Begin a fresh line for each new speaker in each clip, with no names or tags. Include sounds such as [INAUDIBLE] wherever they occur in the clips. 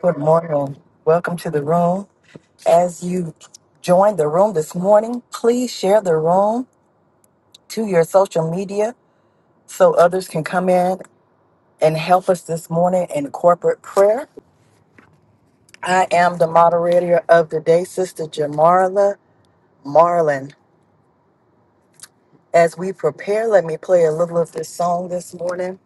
Good morning. Welcome to the room. As you join the room this morning, please share the room to your social media so others can come in and help us this morning in corporate prayer. I am the moderator of the day, Sister Jamarla Marlin. As we prepare, let me play a little of this song this morning.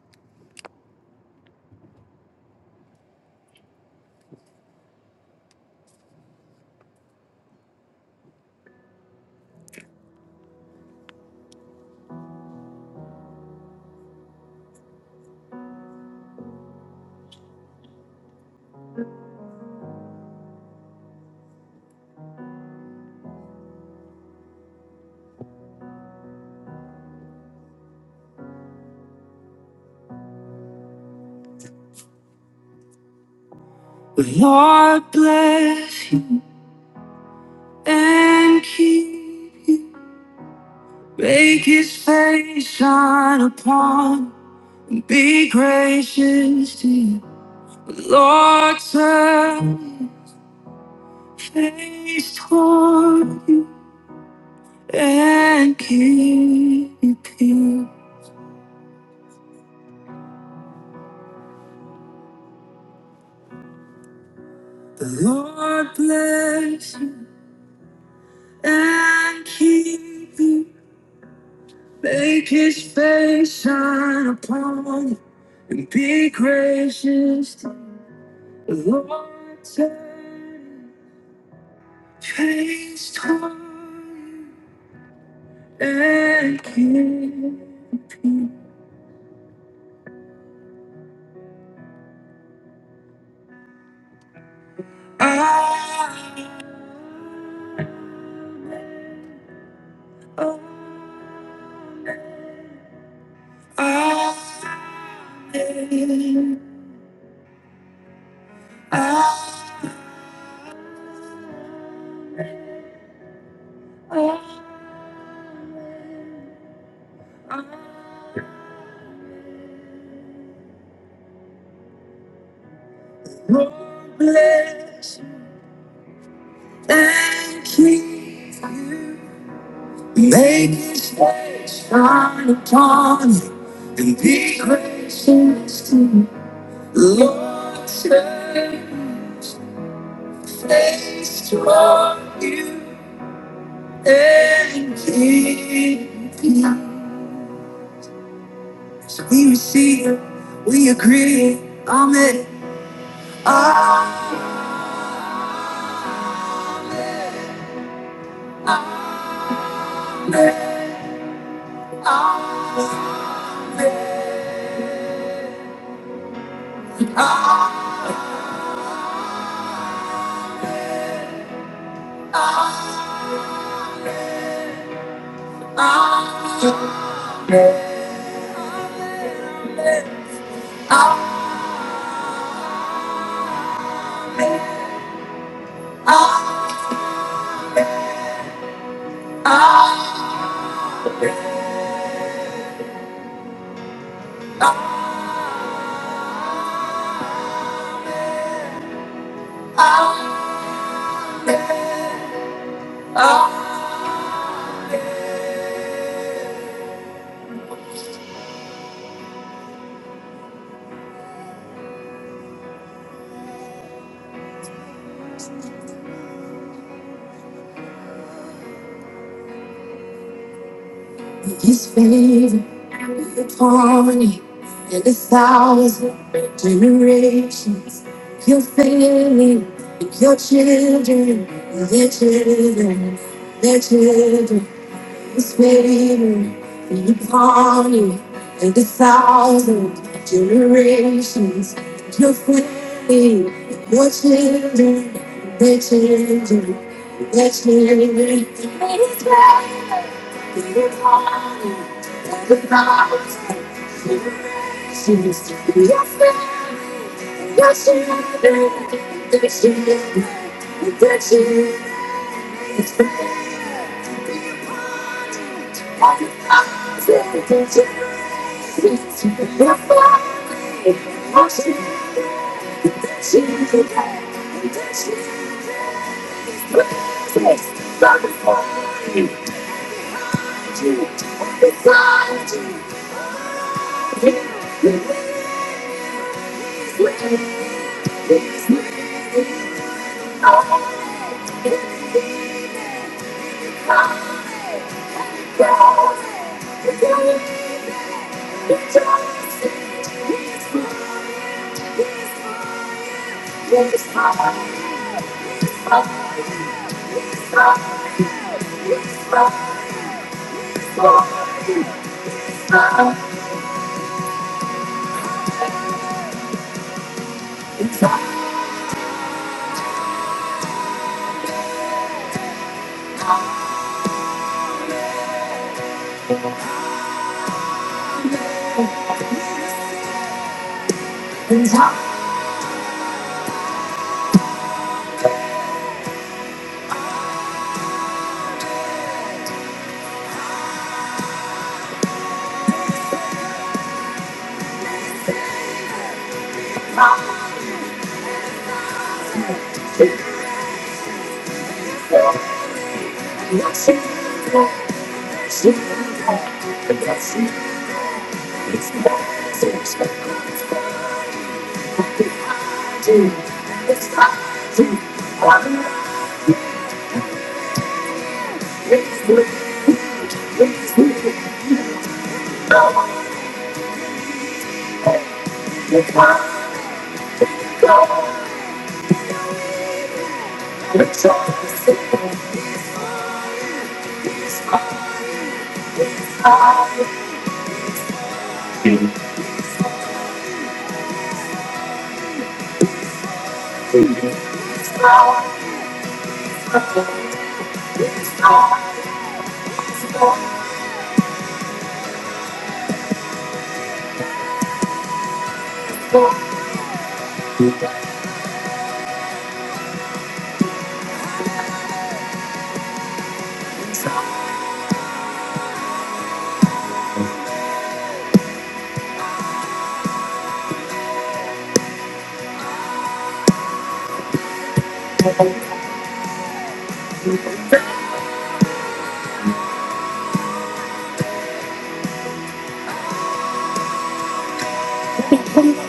Lord bless you and keep you. Make his face shine upon Be gracious to you, Lord, turn your face toward you and keep you peace. The Lord bless you and keep you, make his face shine upon you and be gracious to you. The Lord turn his face toward you and keep you peace. I oh, I I Lord bless you, and keep you. Make His face shine upon you, and be gracious to you. Lord, save you. taste for you and give you. So we receive, it, we agree, Amen. Amen. Amen. Amen. amen, amen. His favor upon you and a thousand generations. Your family and your children, and their children, their children. Spirit, waiting upon you and a thousand generations. Your family, your children, their children, their children. Spirit, be upon you and a thousand generations. Your family, your children, their children, their children. Thank you.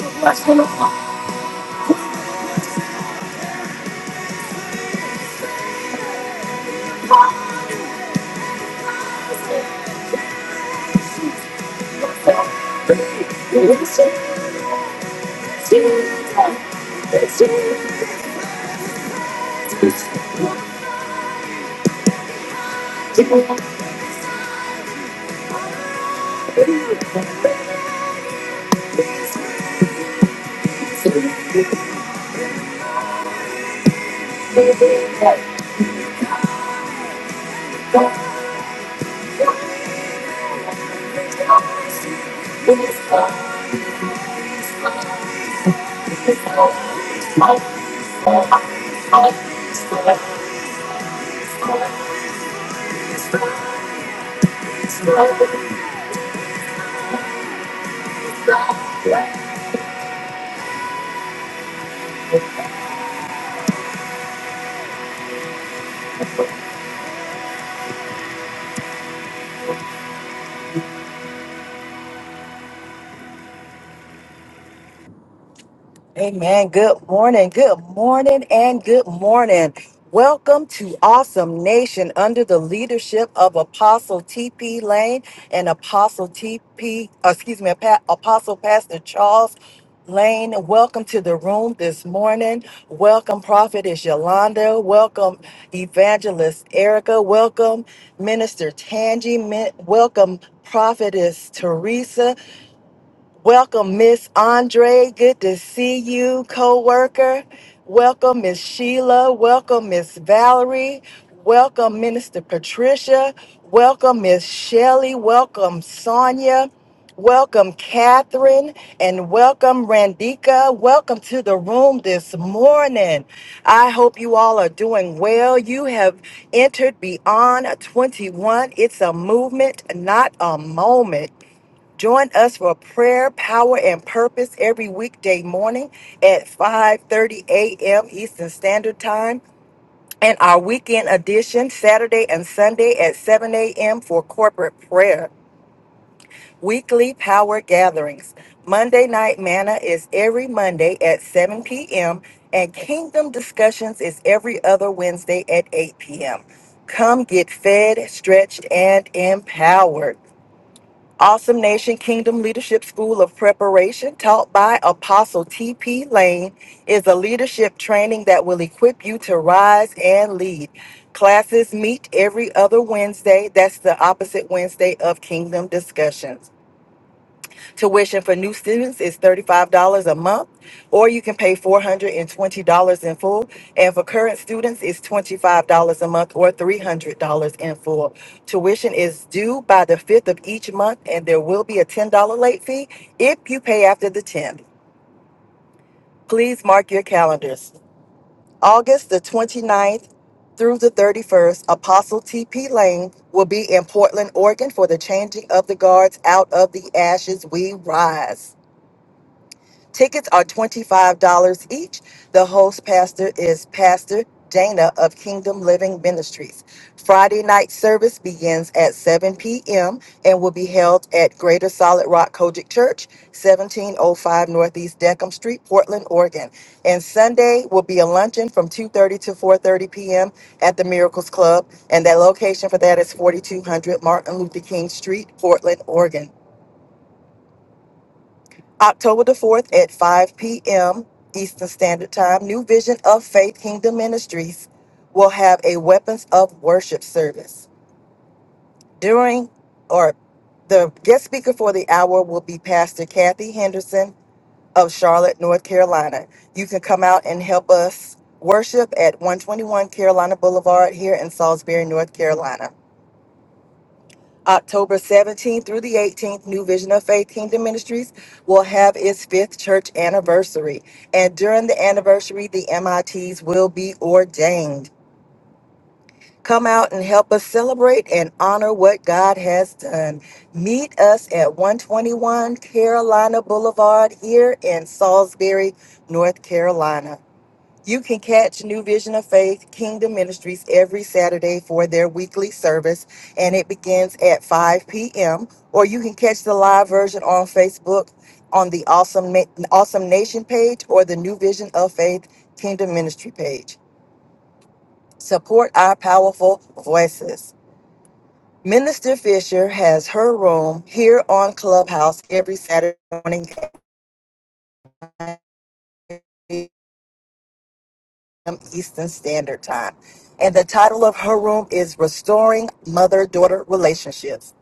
Thank you. Amen. Good morning. Good morning and good morning. Welcome to Awesome Nation under the leadership of Apostle TP Lane and Apostle TP, uh, excuse me, Pa- Apostle Pastor Charles Lane. Welcome to the room this morning. Welcome, Prophetess Yolanda. Welcome, Evangelist Erica. Welcome, Minister Tangi. Welcome, Prophetess Teresa. Welcome, Miss Andre. Good to see you, co-worker. Welcome, Miss Sheila. Welcome, Miss Valerie. Welcome, Minister Patricia. Welcome, Miss Shelley. Welcome, Sonia. Welcome, Catherine, and welcome, Randika. Welcome to the room this morning. I hope you all are doing well. You have entered beyond 21. It's a movement, not a moment. Join us for prayer, power, and purpose every weekday morning at 5:30 a.m. Eastern Standard Time, and our weekend edition Saturday and Sunday at 7 a.m. for corporate prayer. Weekly power gatherings. Monday Night Manna is every Monday at 7 p.m., and Kingdom Discussions is every other Wednesday at 8 p.m. Come get fed, stretched, and empowered. Awesome Nation Kingdom Leadership School of Preparation, taught by Apostle T.P. Lane, is a leadership training that will equip you to rise and lead. Classes meet every other Wednesday. That's the opposite Wednesday of Kingdom Discussions. Tuition for new students is $35 a month, or you can pay $420 in full. And for current students, it's $25 a month or $300 in full. Tuition is due by the 5th of each month, and there will be a $10 late fee if you pay after the 10th. Please mark your calendars. August the 29th through the 31st, Apostle TP Lane will be in Portland, Oregon for the Changing of the Guards Out of the Ashes We Rise. Tickets are $25 each. The host pastor is Pastor Dana of Kingdom Living Ministries. Friday night service begins at 7 p.m. and will be held at Greater Solid Rock Kojic Church, 1705 Northeast Deckham Street, Portland, Oregon. And Sunday will be a luncheon from 2:30 to 4:30 p.m. at the Miracles Club, and that location for that is 4200 Martin Luther King Street, Portland, Oregon. October the 4th at 5 p.m. Eastern Standard Time, New Vision of Faith Kingdom Ministries will have a Weapons of Worship service. During or the guest speaker for the hour will be Pastor Kathy Henderson of Charlotte, North Carolina. You can come out and help us worship at 121 Carolina Boulevard here in Salisbury, North Carolina. October 17th through the 18th, New Vision of Faith Kingdom Ministries will have its fifth church anniversary. And during the anniversary, the MITs will be ordained. Come out and help us celebrate and honor what God has done. Meet us at 121 Carolina Boulevard here in Salisbury, North Carolina. You can catch New Vision of Faith Kingdom Ministries every Saturday for their weekly service, and it begins at 5 p.m. Or you can catch the live version on Facebook on the Awesome, Na- awesome Nation page or the New Vision of Faith Kingdom Ministry page. Support our powerful voices. Minister Fisher has her room here on Clubhouse every Saturday morning p.m. Eastern Standard Time. And the title of her room is Restoring Mother Daughter Relationships.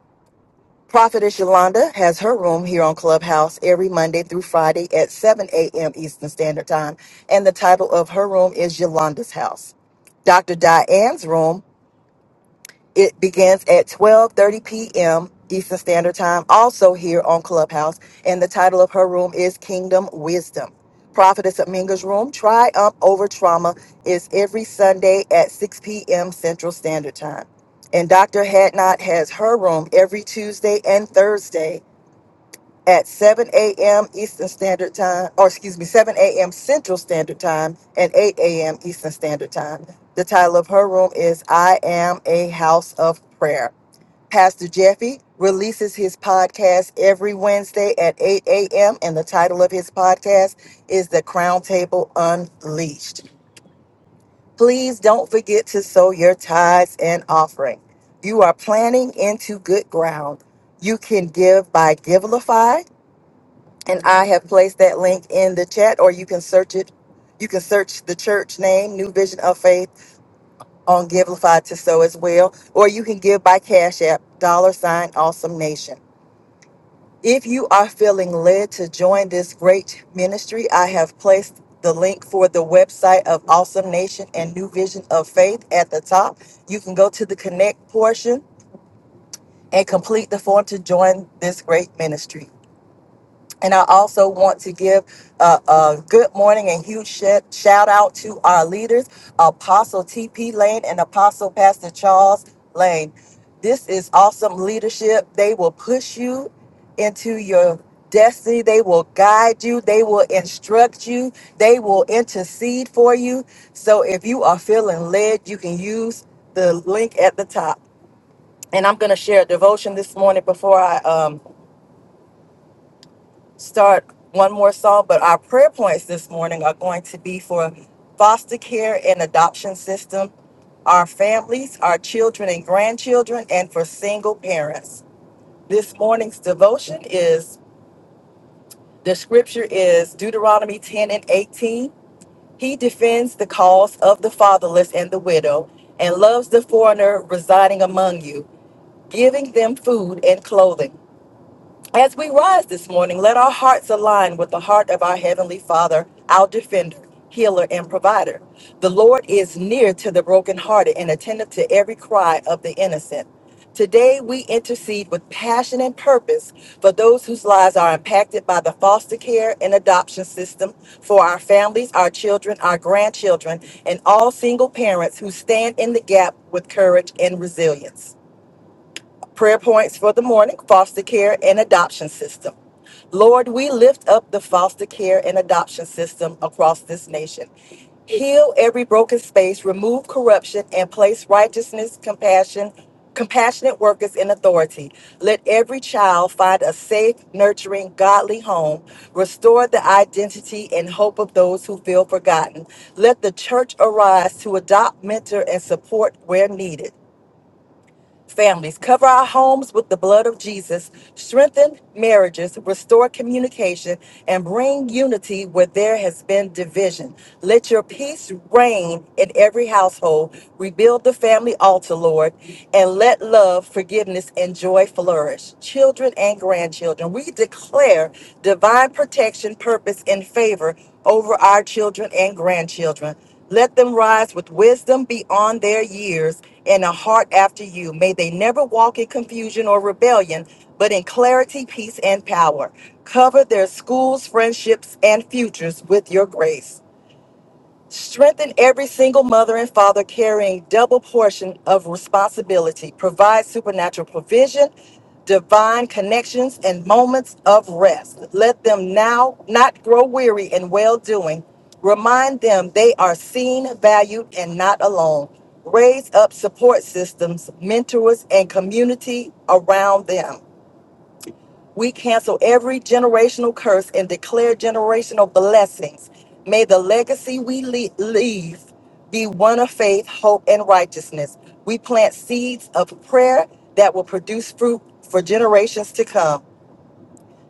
Prophetess Yolanda has her room here on Clubhouse every Monday through Friday at 7 a.m. Eastern Standard Time. And the title of her room is Yolanda's House. Dr. Diane's room it begins at 12:30 p.m. Eastern Standard Time, also here on Clubhouse, and the title of her room is Kingdom Wisdom. Prophetess Aminga's room, Triumph Over Trauma, is every Sunday at 6 p.m. Central Standard Time. And Dr. Hadnot has her room every Tuesday and Thursday at 7 a.m. Eastern Standard Time, or excuse me, 7 a.m. Central Standard Time and 8 a.m. Eastern Standard Time. The title of her room is I Am a House of Prayer. Pastor Jeffy releases his podcast every Wednesday at 8 a.m., and the title of his podcast is The Crown Table Unleashed. Please don't forget to sow your tithes and offering. You are planting into good ground. You can give by Givelify and I have placed that link in the chat, or you can search it. You can search the church name, New Vision of Faith, on Givelify to sow as well. Or you can give by Cash App, dollar sign Awesome Nation. If you are feeling led to join this great ministry, I have placed the link for the website of Awesome Nation and New Vision of Faith at the top. You can go to the connect portion and complete the form to join this great ministry. And I also want to give a, a good morning and huge shout, shout out to our leaders, Apostle TP Lane and Apostle Pastor Charles Lane. This is awesome leadership. They will push you into your destiny. They will guide you. They will instruct you. They will intercede for you. So if you are feeling led, you can use the link at the top. And I'm going to share a devotion this morning before I um, start one more song, but our prayer points this morning are going to be for foster care and adoption system, our families, our children and grandchildren, and for single parents. This morning's devotion is the scripture is Deuteronomy 10 and 18. He defends the cause of the fatherless and the widow and loves the foreigner residing among you, giving them food and clothing. As we rise this morning, let our hearts align with the heart of our Heavenly Father, our defender, healer, and provider. The Lord is near to the brokenhearted and attentive to every cry of the innocent. Today, we intercede with passion and purpose for those whose lives are impacted by the foster care and adoption system for our families, our children, our grandchildren, and all single parents who stand in the gap with courage and resilience. Prayer points for the morning foster care and adoption system. Lord, we lift up the foster care and adoption system across this nation. Heal every broken space, remove corruption, and place righteousness, compassion, compassionate workers in authority. Let every child find a safe, nurturing, godly home. Restore the identity and hope of those who feel forgotten. Let the church arise to adopt, mentor, and support where needed families. Cover our homes with the blood of Jesus. Strengthen marriages, restore communication, and bring unity where there has been division. Let your peace reign in every household. Rebuild the family altar, Lord, and let love, forgiveness, and joy flourish. Children and grandchildren, we declare divine protection, purpose, and favor over our children and grandchildren. Let them rise with wisdom beyond their years and a heart after you. May they never walk in confusion or rebellion, but in clarity, peace, and power. Cover their schools, friendships, and futures with your grace. Strengthen every single mother and father carrying double portion of responsibility. Provide supernatural provision, divine connections, and moments of rest. Let them now not grow weary in well doing. Remind them they are seen, valued, and not alone. Raise up support systems, mentors, and community around them. We cancel every generational curse and declare generational blessings. May the legacy we le- leave be one of faith, hope, and righteousness. We plant seeds of prayer that will produce fruit for generations to come.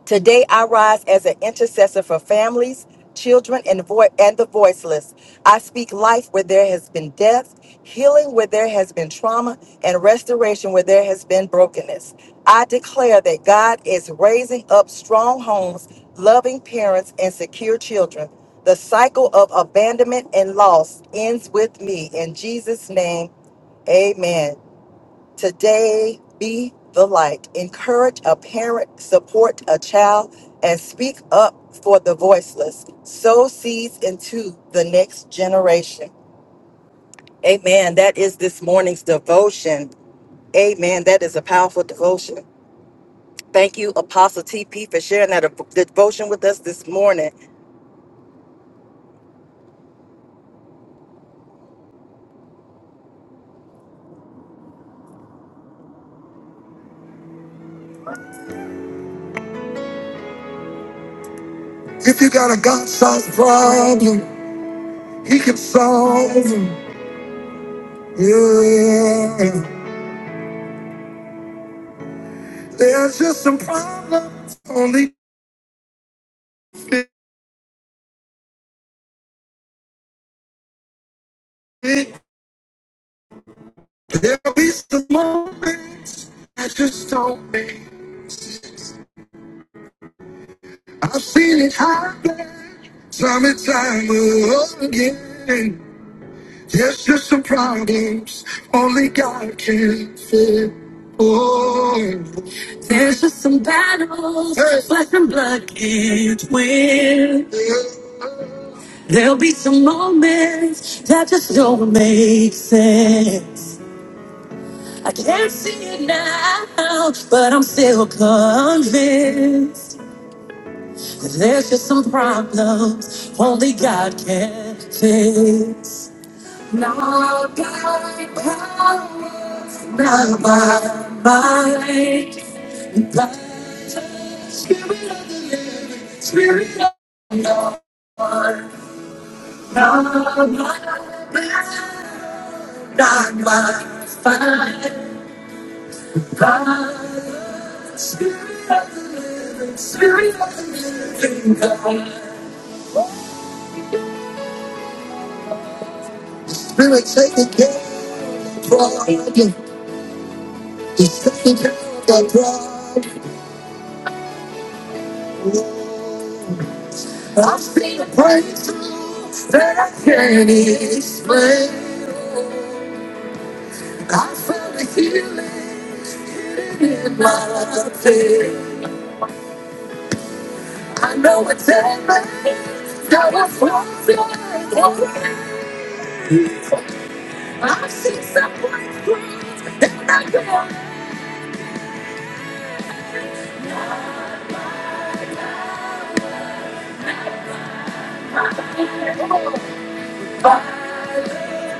Today, I rise as an intercessor for families, children, and, vo- and the voiceless. I speak life where there has been death, healing where there has been trauma, and restoration where there has been brokenness. I declare that God is raising up strong homes, loving parents, and secure children. The cycle of abandonment and loss ends with me. In Jesus' name, amen. Today, be the light. Encourage a parent, support a child, and speak up for the voiceless. Sow seeds into the next generation. Amen. That is this morning's devotion. Amen. That is a powerful devotion. Thank you, Apostle TP, for sharing that dev- devotion with us this morning. If you got a God sized problem, He can solve it. Yeah. There's just some problems only There'll be some moments I just don't make. I've seen it happen time and time again. There's just some problems only God can fix. Oh, there's just some battles hey. flesh and blood can't win. Yeah. There'll be some moments that just don't make sense. I can't see it now, but I'm still convinced that there's just some problems only God can fix. Not by power, not by might, but by the Spirit of the living, Spirit of God. Not by power, not by fight, but by Spirit of the living. Can't explain. I found a healing in my pain. I know it's heaven. Now I fall away. I see someone great, and I go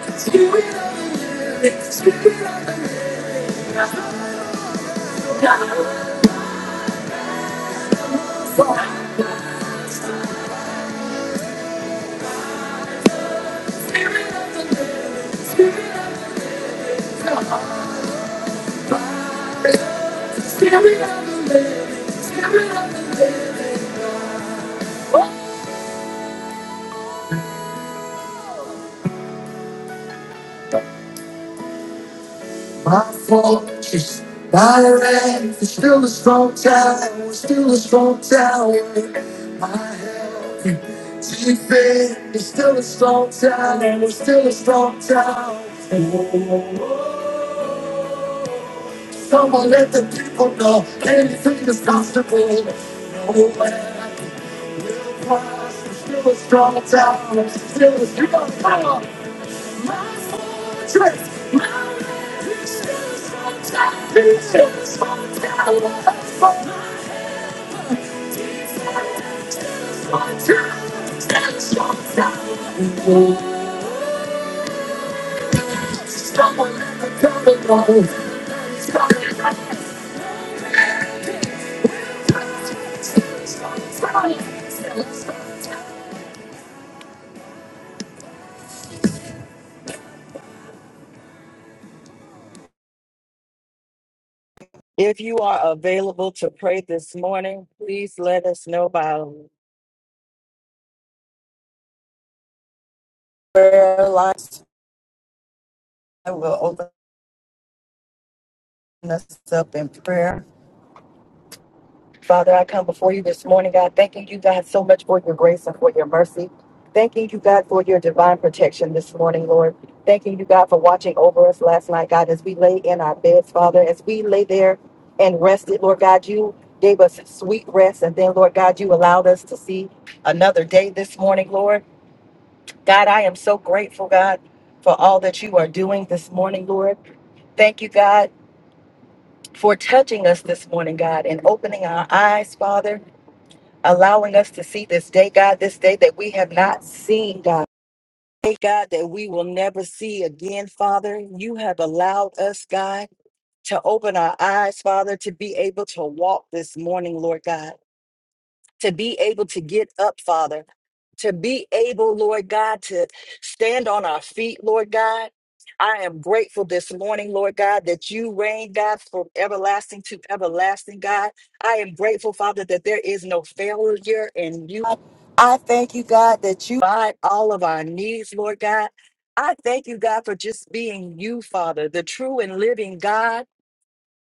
spirit of the living, spirit of the living. I fall, spirit of the living, spirit of the living, spirit of the living, spirit of the living. Life is still a strong tower, still a strong tower. To be it's still a strong town, and it's still a strong town. Oh, Someone let the people know anything is possible. Oh, and plus, it's still a strong town, it's still a strong town. My fortress, my refuge, it's still a strong town, it's still a strong town. My fortress, it's still a strong town. Someone let the people know. If you are available to pray this morning, please let us know by prayer lines. I will open us up in prayer. Father, I come before you this morning, God, thanking you, God, so much for your grace and for your mercy. Thanking you, God, for your divine protection this morning, Lord. Thanking you, God, for watching over us last night, God, as we lay in our beds, Father, as we lay there and rested, Lord God, you gave us sweet rest. And then, Lord God, you allowed us to see another day this morning, Lord. God, I am so grateful, God, for all that you are doing this morning, Lord. Thank you, God, for touching us this morning, God, and opening our eyes, Father, allowing us to see this day, God, this day that we have not seen, God. Day, God, that we will never see again, Father. You have allowed us, God, to open our eyes, Father, to be able to walk this morning, Lord God. to be able to get up, Father, to be able, Lord God, to stand on our feet, Lord God. I am grateful this morning, Lord God, that you reign, God, from everlasting to everlasting, God. I am grateful, Father, that there is no failure in you. I thank you, God, that you provide all of our needs, Lord God. I thank you, God, for just being you, Father, the true and living God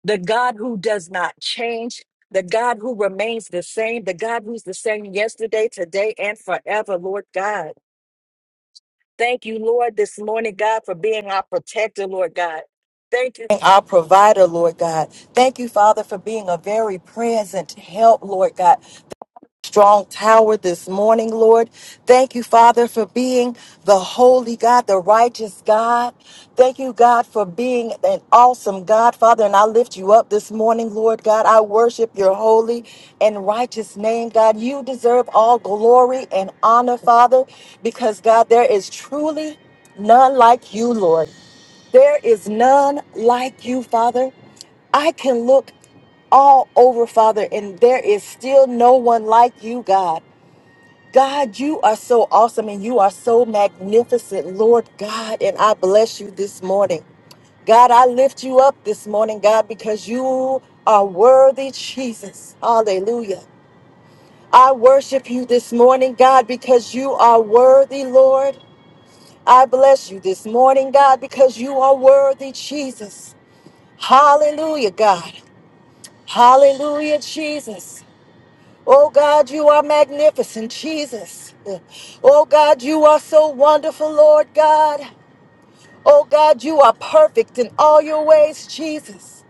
the God who does not change, the God who remains the same, the God who's the same yesterday, today, and forever, Lord God. Thank you, Lord, this morning, God, for being our protector, Lord God. Thank you, our provider, Lord God. Thank you, Father, for being a very present help, Lord God strong tower this morning, Lord. Thank you, Father, for being the holy God, the righteous God. Thank you, God, for being an awesome God, Father. And I lift you up this morning, Lord God. I worship your holy and righteous name, God. You deserve all glory and honor, Father, because, God, there is truly none like you, Lord. There is none like you, Father. I can look all over, Father, and there is still no one like you, God. God, you are so awesome and you are so magnificent, Lord God, and I bless you this morning. God, I lift you up this morning, God, because you are worthy, Jesus. Hallelujah. I worship you this morning, God, because you are worthy, Lord. I bless you this morning, God, because you are worthy, Jesus. Hallelujah, God. Hallelujah, Jesus. Oh God, you are magnificent, Jesus. Oh God, you are so wonderful, Lord God. Oh God, you are perfect in all your ways, Jesus.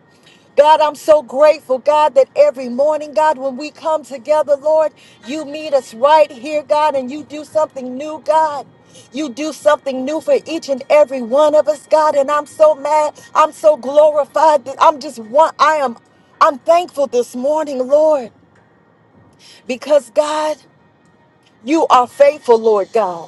God, I'm so grateful, God, that every morning, God, when we come together, Lord, you meet us right here, God, and you do something new, God. You do something new for each and every one of us, God, and I'm so mad. I'm so glorified. that I'm just one. I am. I'm thankful this morning, Lord, because God, you are faithful, Lord God.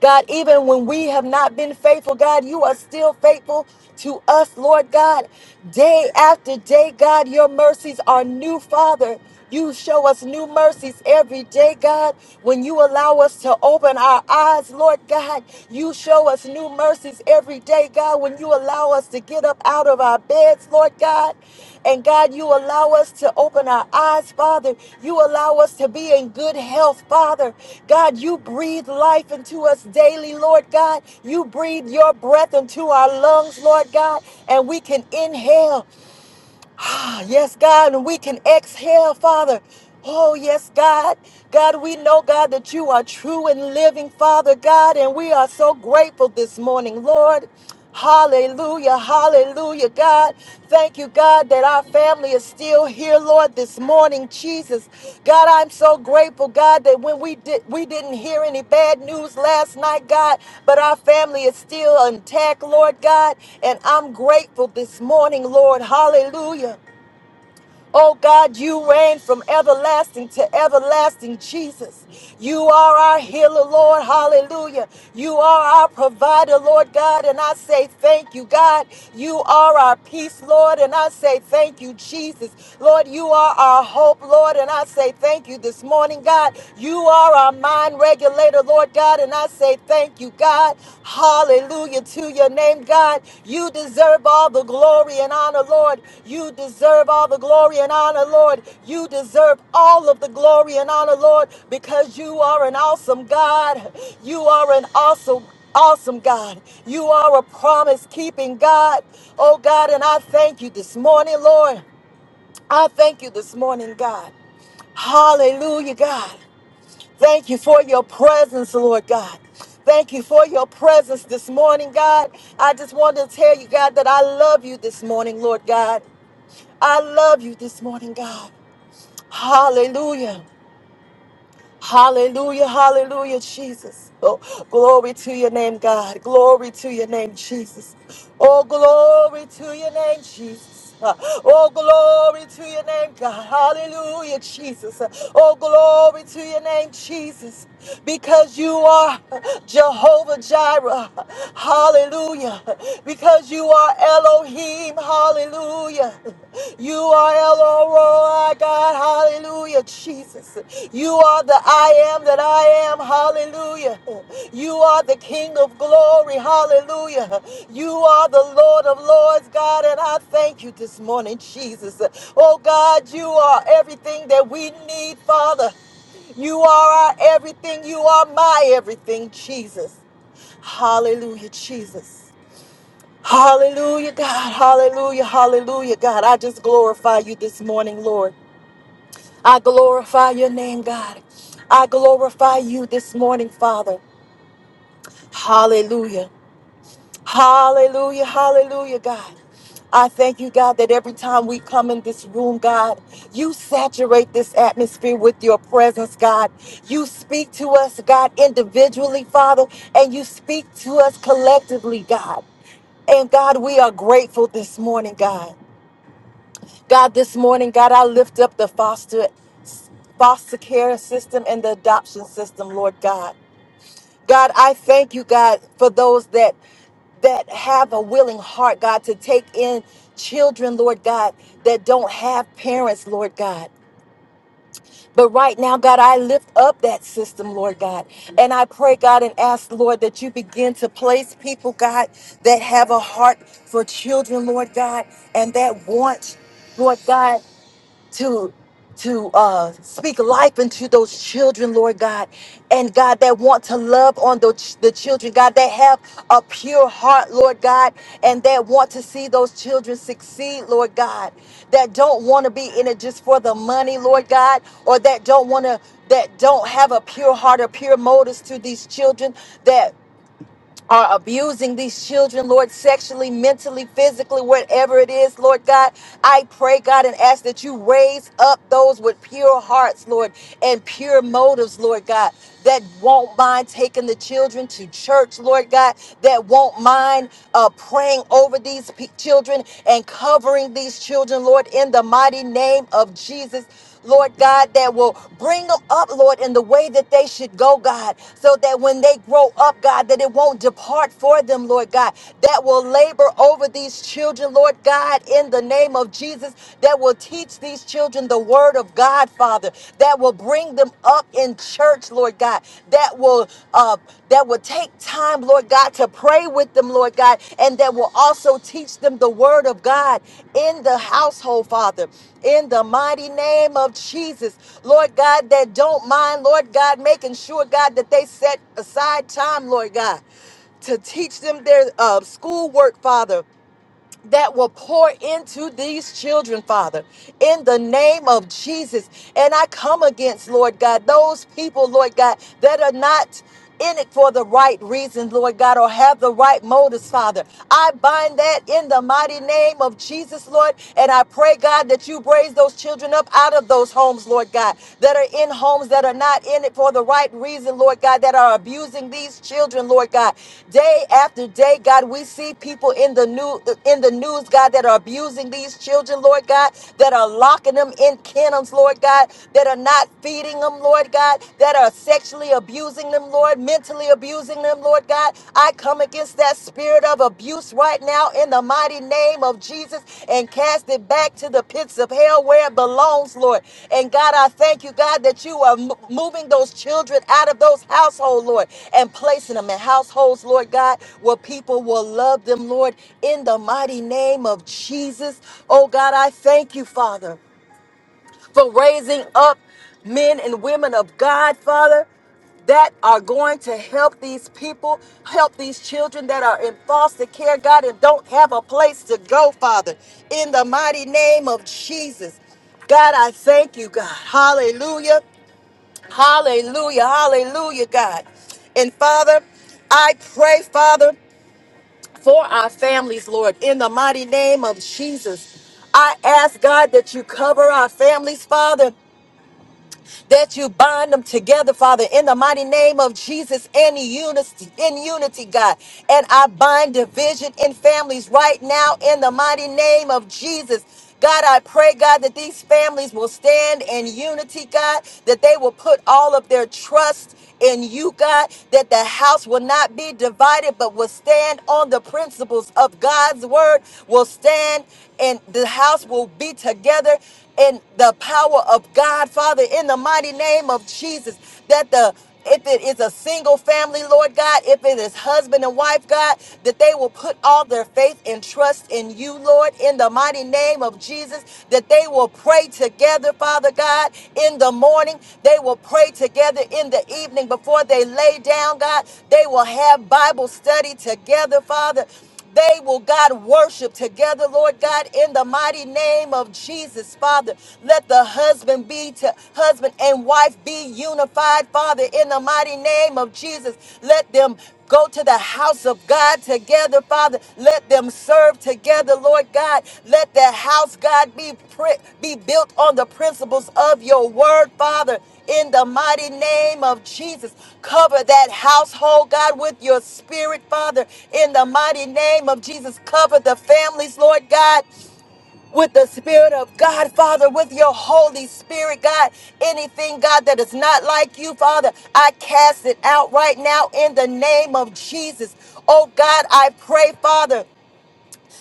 God, even when we have not been faithful, God, you are still faithful to us, Lord God. Day after day, God, your mercies are new, Father. You show us new mercies every day, God. When you allow us to open our eyes, Lord God, you show us new mercies every day, God. When you allow us to get up out of our beds, Lord God. And God, you allow us to open our eyes, Father. You allow us to be in good health, Father. God, you breathe life into us daily, Lord God. You breathe your breath into our lungs, Lord God, and we can inhale. Ah, yes, God, and we can exhale, Father. Oh, yes, God. God, we know, God, that you are true and living, Father God, and we are so grateful this morning, Lord. Hallelujah, hallelujah, God. Thank you, God, that our family is still here, Lord, this morning, Jesus. God, I'm so grateful, God, that when we did we didn't hear any bad news last night, God, but our family is still intact, Lord God, and I'm grateful this morning, Lord. Hallelujah. Oh God, you reign from everlasting to everlasting, Jesus. You are our healer, Lord. Hallelujah. You are our provider, Lord God. And I say thank you, God. You are our peace, Lord. And I say thank you, Jesus. Lord, you are our hope, Lord. And I say thank you this morning, God. You are our mind regulator, Lord God. And I say Thank you, God. Hallelujah to your name, God. You deserve all the glory and honor, Lord. You deserve all the glory and honor, Lord. You deserve all of the glory and honor, Lord, because you are an awesome God. You are an awesome Awesome God. You are a promise keeping God. Oh God, and I thank you this morning, Lord. I thank you this morning, God. Hallelujah, God. Thank you for your presence, Lord God. Thank you for your presence this morning, God. I just want to tell you, God, that I love you this morning, Lord God. I love you this morning, God. Hallelujah. Hallelujah. Hallelujah, Jesus. Oh, glory to your name, God. Glory to your name, Jesus. Oh, glory to your name, Jesus. Uh, Oh, glory to your name, God. Hallelujah, Jesus. Uh, Oh, glory to your name, Jesus because you are Jehovah Jireh. Hallelujah. Because you are Elohim. Hallelujah. You are El Roi, God. Hallelujah, Jesus. You are the I am that I am. Hallelujah. You are the King of glory. Hallelujah. You are the Lord of lords, God. And I thank you this morning, Jesus. Oh, God, you are everything that we need, Father. You are our everything. You are my everything, Jesus. Hallelujah, Jesus. Hallelujah, God. Hallelujah, hallelujah, God. I just glorify you this morning, Lord. I glorify your name, God. I glorify you this morning, Father. Hallelujah. Hallelujah, hallelujah, God. I thank you, God, that every time we come in this room, God, you saturate this atmosphere with your presence, God. You speak to us, God, individually, Father, and you speak to us collectively, God. And God, we are grateful this morning, God. God, this morning, God, I lift up the foster foster care system and the adoption system, Lord God. God, I thank you, God, for those that that have a willing heart, God, to take in children, Lord God, that don't have parents, Lord God. But right now, God, I lift up that system, Lord God. And I pray, God, and ask, Lord, that you begin to place people, God, that have a heart for children, Lord God, and that want, Lord God to to uh speak life into those children lord god and god that want to love on those the children god that have a pure heart lord god and that want to see those children succeed lord god that don't want to be in it just for the money lord god or that don't want to that don't have a pure heart or pure motives to these children are abusing these children, Lord, sexually, mentally, physically, whatever it is, Lord God. I pray, God, and ask that you raise up those with pure hearts, Lord, and pure motives, Lord God, that won't mind taking the children to church, Lord God, that won't mind uh, praying over these pe- children and covering these children, Lord, in the mighty name of Jesus. Lord God, that will bring them up, Lord, in the way that they should go, God, so that when they grow up, God, that it won't depart for them, Lord God, that will labor over these children, Lord God, in the name of Jesus, that will teach these children the word of God, Father, that will bring them up in church, Lord God, that will uh, that will take time, Lord God, to pray with them, Lord God, and that will also teach them the word of God in the household, Father. In the mighty name of Jesus, Lord God, that don't mind, Lord God, making sure, God, that they set aside time, Lord God, to teach them their uh, schoolwork, Father that will pour into these children, Father, in the name of Jesus. And I come against, Lord God, those people, Lord God, that are not. In it for the right reasons, Lord God, or have the right motives, Father. I bind that in the mighty name of Jesus, Lord, and I pray, God, that you raise those children up out of those homes, Lord God, that are are in homes that are not in it for the right reason, Lord God, that are abusing these children, Lord God. Day after day, God, we see people in the new in the news, God, that are abusing these children, Lord God, that are locking them in kennels, Lord God, that are not feeding them, Lord God, that are sexually abusing them, Lord, mentally abusing them, Lord God. I come against that loose that spirit of abuse right now in the mighty name of Jesus and cast it back to the pits of hell where it belongs, Lord. And God, I thank you, God, that you are mo- moving those children out of those households, Lord, and placing them in households, Lord God, where people will love them, Lord, in the mighty name of Jesus. Oh God, I thank you, Father for raising up men and women of God, Father, that are going to help these people, help these children that are in foster care, God, and don't have a place to go, Father, in the mighty name of Jesus. God, I thank you, God. Hallelujah. Hallelujah. Hallelujah, God. And Father, I pray, Father, for our families, Lord, in the mighty name of Jesus. I ask, God, that you cover our families, Father that you bind them together, Father, in the mighty name of Jesus, in unity, in unity, God. And I bind division in families right now in the mighty name of Jesus. God, I pray, God, that these families will stand in unity, God, that they will put all of their trust in you, God, that the house will not be divided, but will stand on the principles of God's word, will stand and the house will be together in the power of God, Father, in the mighty name of Jesus, that the if it is a single family, Lord God, if it is husband and wife, God, that they will put all their faith and trust in you, Lord, in the in the mighty name of Jesus, that they will pray together, Father God, in the morning. They will pray together in the evening before they lay down, God. They will have Bible study together, Father. They will, God, worship together, Lord God, in the mighty name of Jesus, Father. Let the husband be to husband and wife be unified, Father, in the mighty mighty name of Jesus. Let them go to the house of God together, Father. Let them serve together, Lord God. Let the house, God, be pri- be built on the principles of your word, Father. In the mighty name of Jesus, cover that household, God, with your spirit, Father. In the mighty name of Jesus, cover the families, Lord God with the Spirit of God, Father, with your Holy Spirit, God. Anything, God, that is not like you, Father, I cast it out right now in the name of Jesus. Oh, God, I pray, Father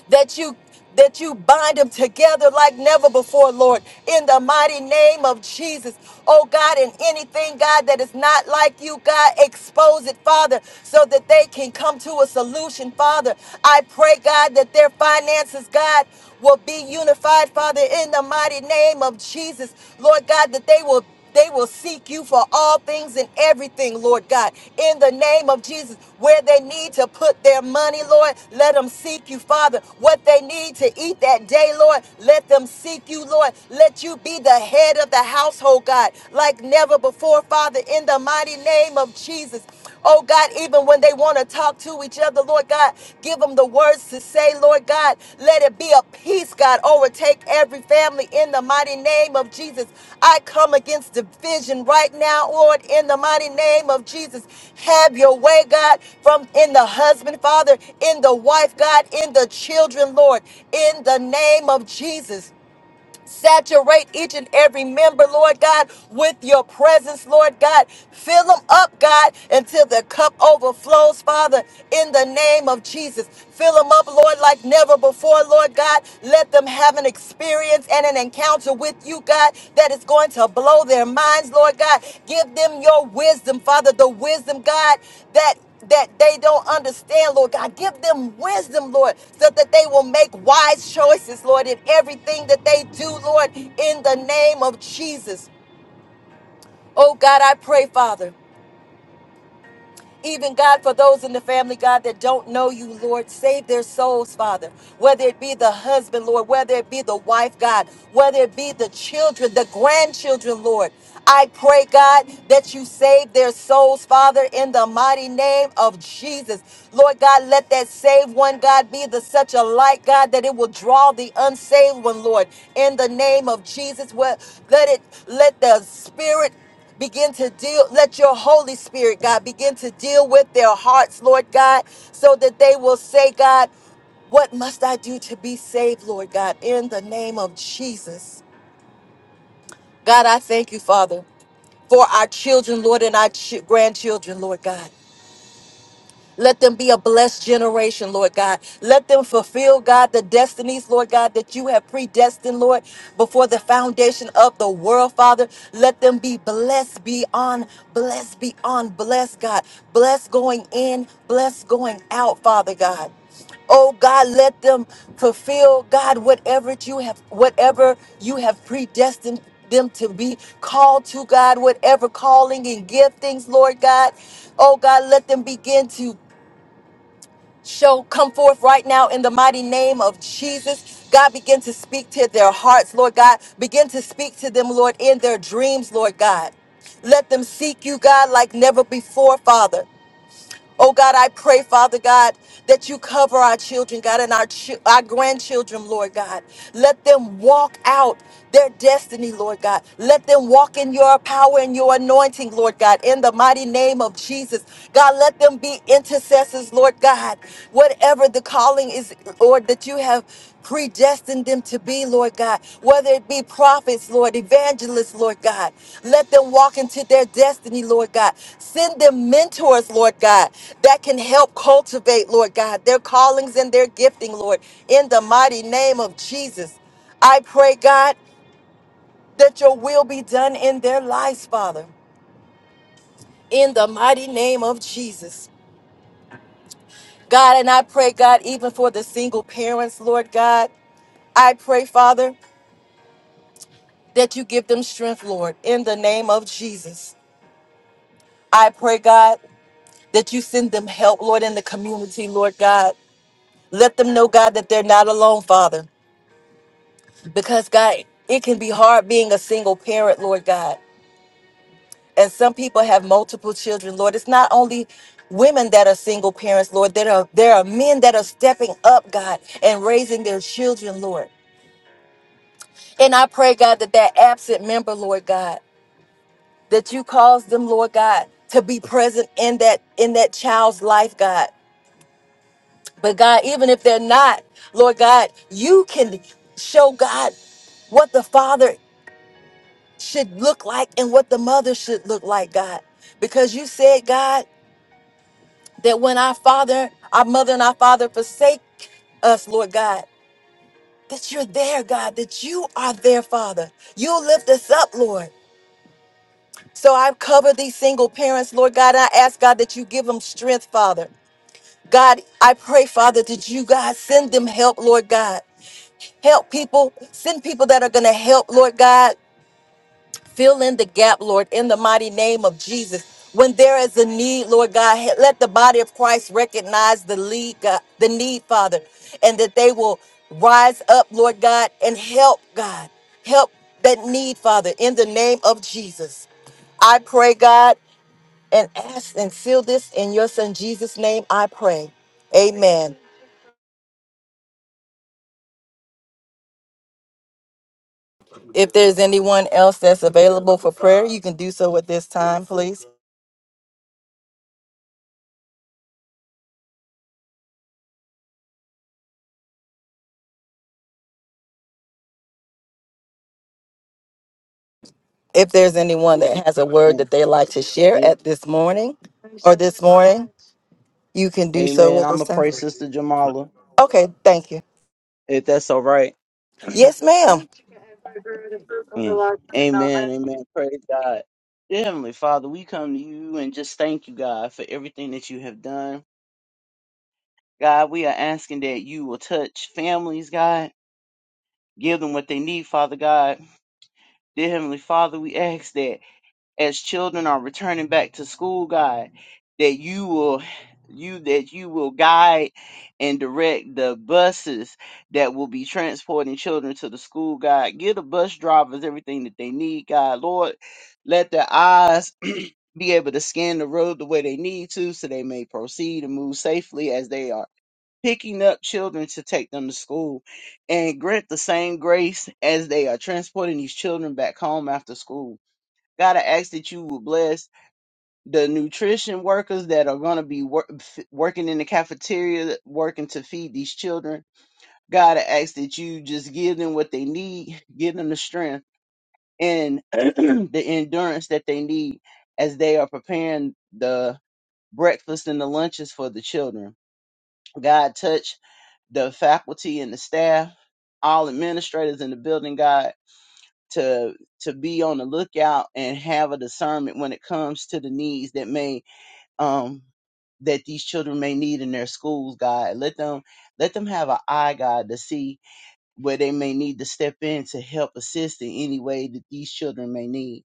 that you that you bind them together like never before, Lord, in the mighty name of Jesus. Oh God, and anything, God, that is not like you, God, expose it, Father, so that they can come to a solution, Father. I pray, God, that their finances, God, will be unified, Father, in the mighty name of Jesus. Lord God, that they will they will seek you for all things and everything, Lord God. In the name of Jesus, where they need to put their money, Lord, let them seek you, Father. What they need to eat that day, Lord, let them seek you, Lord. Let you be the head of the household, God, like never before, Father, in the mighty name of Jesus. Oh God, even when they want to talk to each other, Lord God, give them the words to say, Lord God. Let it be a peace, God, overtake every family in the mighty name of Jesus. I come against division right now, Lord, in the mighty name of Jesus. Have your way, God, from in the husband, Father, in the wife, God, in the children, Lord, in the name of Jesus. Saturate each and every member, Lord God, with your presence, Lord God. Fill them up, God, until the cup overflows, Father, in the name of Jesus. Fill them up, Lord, like never before, Lord God. Let them have an experience and an encounter with you, God, that is going to blow their minds, Lord God. Give them your wisdom, Father, the wisdom, God, that that they don't understand, Lord God. Give them wisdom, Lord, so that they will make wise choices, Lord, in everything that they do, Lord, in the name of Jesus. Oh God, I pray, Father. Even God, for those in the family, God, that don't know you, Lord, save their souls, Father. Whether it be the husband, Lord, whether it be the wife, God, whether it be the children, the grandchildren, Lord. I pray, God, that you save their souls, Father, in the mighty name of Jesus. Lord God, let that saved one, God, be the such a light, God, that it will draw the unsaved one, Lord, in the name of Jesus. Well, let it, let the spirit. Begin to deal, let your Holy Spirit, God, begin to deal with their hearts, Lord God, so that they will say, God, what must I do to be saved, Lord God, in the name of Jesus? God, I thank you, Father, for our children, Lord, and our ch- grandchildren, Lord God. Let them be a blessed generation, Lord God. Let them fulfill, God, the destinies, Lord God, that you have predestined, Lord, before the foundation of the world, Father. Let them be blessed beyond, blessed beyond, blessed, God. Blessed going in, blessed going out, Father God. Oh God, let them fulfill, God, whatever you have, whatever you have predestined them to be called to, God, whatever calling and giftings, Lord God. Oh God, let them begin to shall come forth right now in the mighty name of Jesus. God, begin to speak to their hearts, Lord God. Begin to speak to them, Lord, in their dreams, Lord God. Let them seek you, God, like never before, Father. Oh God, I pray, Father God, that you cover our children, God, and our chi- our grandchildren, Lord God. Let them walk out their destiny, Lord God. Let them walk in your power and your anointing, Lord God, in the mighty name of Jesus. God, let them be intercessors, Lord God. Whatever the calling is Lord, that you have predestined them to be, Lord God, whether it be prophets, Lord, evangelists, Lord God. Let them walk into their destiny, Lord God. Send them mentors, Lord God, that can help cultivate, Lord God, their callings and their gifting, Lord, in the mighty name of Jesus. I pray, God, that your will be done in their lives, Father, in the mighty name of Jesus. God, and I pray, God, even for the single parents, Lord God. I pray, Father. that you give them strength, Lord, in the name of Jesus. I pray, God, that you send them help, Lord, in the community, Lord God. Let them know, God, that they're not alone, Father, because, God, it can be hard being a single parent, Lord God. And some people have multiple children, Lord. It's not only women that are single parents, Lord. There are there are men that are stepping up, God, and raising their children, Lord. And I pray, God, that that absent member, Lord God. that you caused them, Lord God, to be present in that in that child's life, God. But God, even if they're not, Lord God, you can show God what the father should look like and what the mother should look like, God. Because you said, God, that when our father, our mother and our father forsake us, Lord God, that you're there, God, that you are there, Father. You lift us up, Lord. So I cover these single parents, Lord God. I ask God that you give them strength, Father. God, I pray, Father, that you, God, send them help, Lord God. Help people. Send people that are going to help, Lord God. Fill in the gap, Lord, in the mighty name of Jesus. When there is a need, Lord God, he- let the body of Christ recognize the lead, God, the need, Father, and that they will rise up, Lord God, and help, God. Help that need, Father, in the name of Jesus. I pray, God, and ask and seal this in your son Jesus' name. I pray. Amen. If there's anyone else that's available for prayer, you can do so at this time, please. If there's anyone that has a word
Amen.
that they like to share
Am-
at this morning or this morning, you can do so
Amen.
at
I'm
this
gonna
time.
pray, Sister Jamala,
Okay, thank you.
if that's all right.
Yes, ma'am.
Mm. Amen. Amen. Praise God. Dear Heavenly Father, we come to you and just thank you, God, for everything that you have done. God, we are asking that you will touch families, God. Give them what they need, Father God. Dear Heavenly Father, we ask that. as children are returning back to school, God, that you will you that you will guide and direct the buses that will be transporting children to the school, God. Give the bus drivers everything that they need, God. Lord, let their eyes [CLEARS THROAT] be able to scan the road the way they need to so they may proceed and move safely as they are picking up children to take them to school and grant the same grace as they are transporting these children back home after school. God, I ask that you will bless the nutrition workers that are going to be wor- f- working in the cafeteria, working to feed these children. God, I ask that you just give them what they need, give them the strength and [CLEARS THROAT] the endurance that they need as they are preparing the breakfast and the lunches for the children. God, touch the faculty and the staff, all administrators in the building, God to to be on the lookout and have a discernment when it comes to the needs that may um that these children may need in their schools, God. Let them let them have an eye, God, to see where they may need to step in to help assist in any way that these children may need.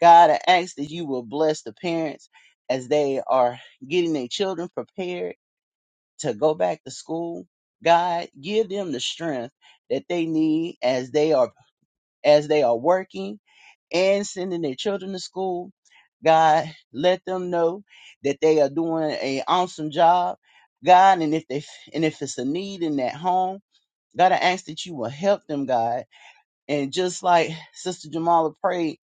God, I ask that you will bless the parents as they are getting their children prepared to go back to school. God, give them the strength that they need as they are as they are working and sending their children to school. God, let them know that they are doing an awesome job. God, and if they and if it's a need in that home, God, I ask that you will help them, God. And just like Sister Jamala prayed,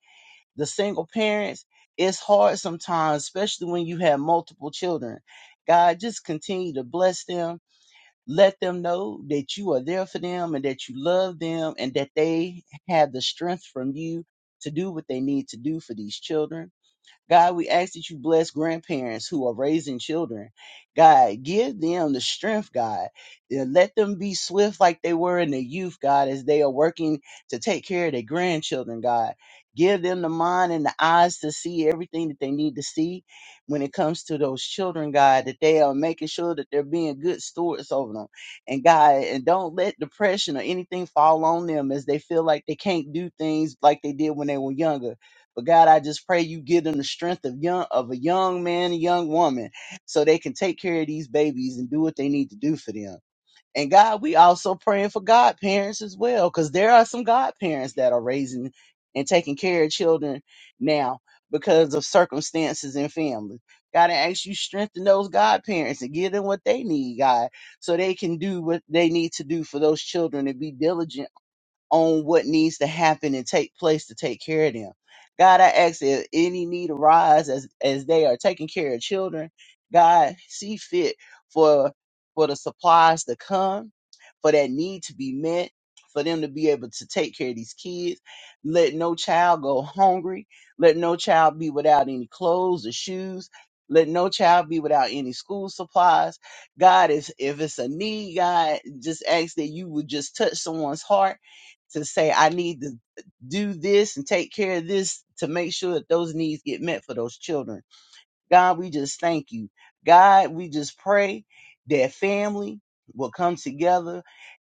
the single parents, it's hard sometimes, especially when you have multiple children. God, just continue to bless them let them know that you are there for them and that you love them and that they have the strength from you to do what they need to do for these children God, we ask that you bless grandparents who are raising children. God, give them the strength, God. and Let them be swift like they were in the youth, God, as they are working to take care of their grandchildren, God. Give them the mind and the eyes to see everything that they need to see when it comes to those children, God, that they are making sure that they're being good stewards over them. And God, and don't let depression or anything fall on them as they feel like they can't do things like they did when they were younger but God, I just pray you give them the strength of young of a young man, a young woman, so they can take care of these babies and do what they need to do for them. And God, we also praying for godparents as well, because there are some godparents that are raising and taking care of children now because of circumstances and family. God, I ask you strengthen those godparents and give them what they need, God, so they can do what they need to do for those children and be diligent on what needs to happen and take place to take care of them. God, I ask if any need arise as as they are taking care of children, God, see fit for for the supplies to come, for that need to be met, for them to be able to take care of these kids. Let no child go hungry. Let no child be without any clothes or shoes. Let no child be without any school supplies. God, if, if it's a need, God, just ask that you would just touch someone's heart to say I need to do this and take care of this to make sure that those needs get met for those children God, we just thank you. God, we just pray that family will come together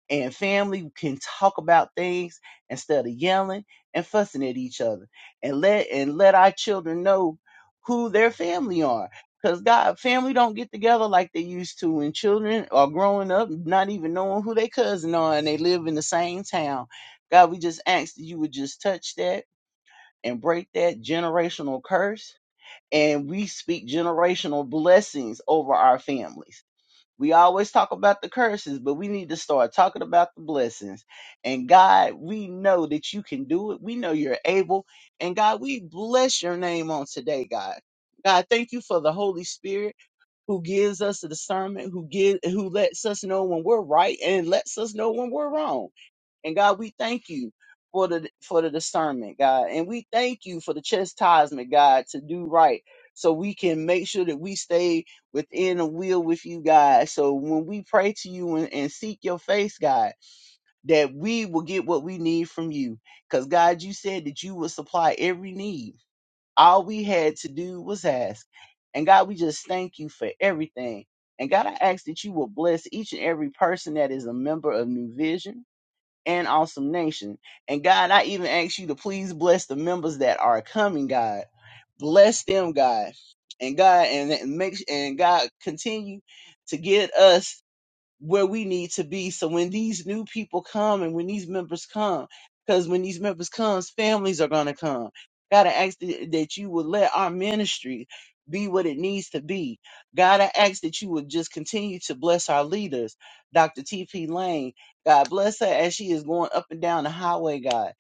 and family can talk about things instead of yelling and fussing at each other. And let and let our children know who their family are. Because God, family don't get together like they used to, and children are growing up not even knowing who their cousin are, and they live in the same town. God, we just ask that you would just touch that and break that generational curse and we speak generational blessings over our families. We always talk about the curses, but we need to start talking about the blessings. And God, we know that you can do it. We know you're able. And God, we bless your name on today, God. God, thank you for the Holy Spirit who gives us the discernment, who gives, who lets us know when we're right and lets us know when we're wrong. And God, we thank you for the for the discernment, God. And we thank you for the chastisement, God, to do right. So we can make sure that we stay within a will with you, God. So when we pray to you and, and seek your face, God, that we will get what we need from you. Because God, you said that you will supply every need. All we had to do was ask. And God, we just thank you for everything. And God, I ask that you will bless each and every person that is a member of New Vision and Awesome Nation. And God, I even ask you to please bless the members that are coming, God. Bless them, God. And God, and and make and God continue to get us where we need to be. So when these new people come and when these members come, because when these members comes, families are gonna come. Gotta ask th- that you would let our ministry be what it needs to be. Gotta ask that you would just continue to bless our leaders, Dr. T.P. Lane. God bless her as she is going up and down the highway, God.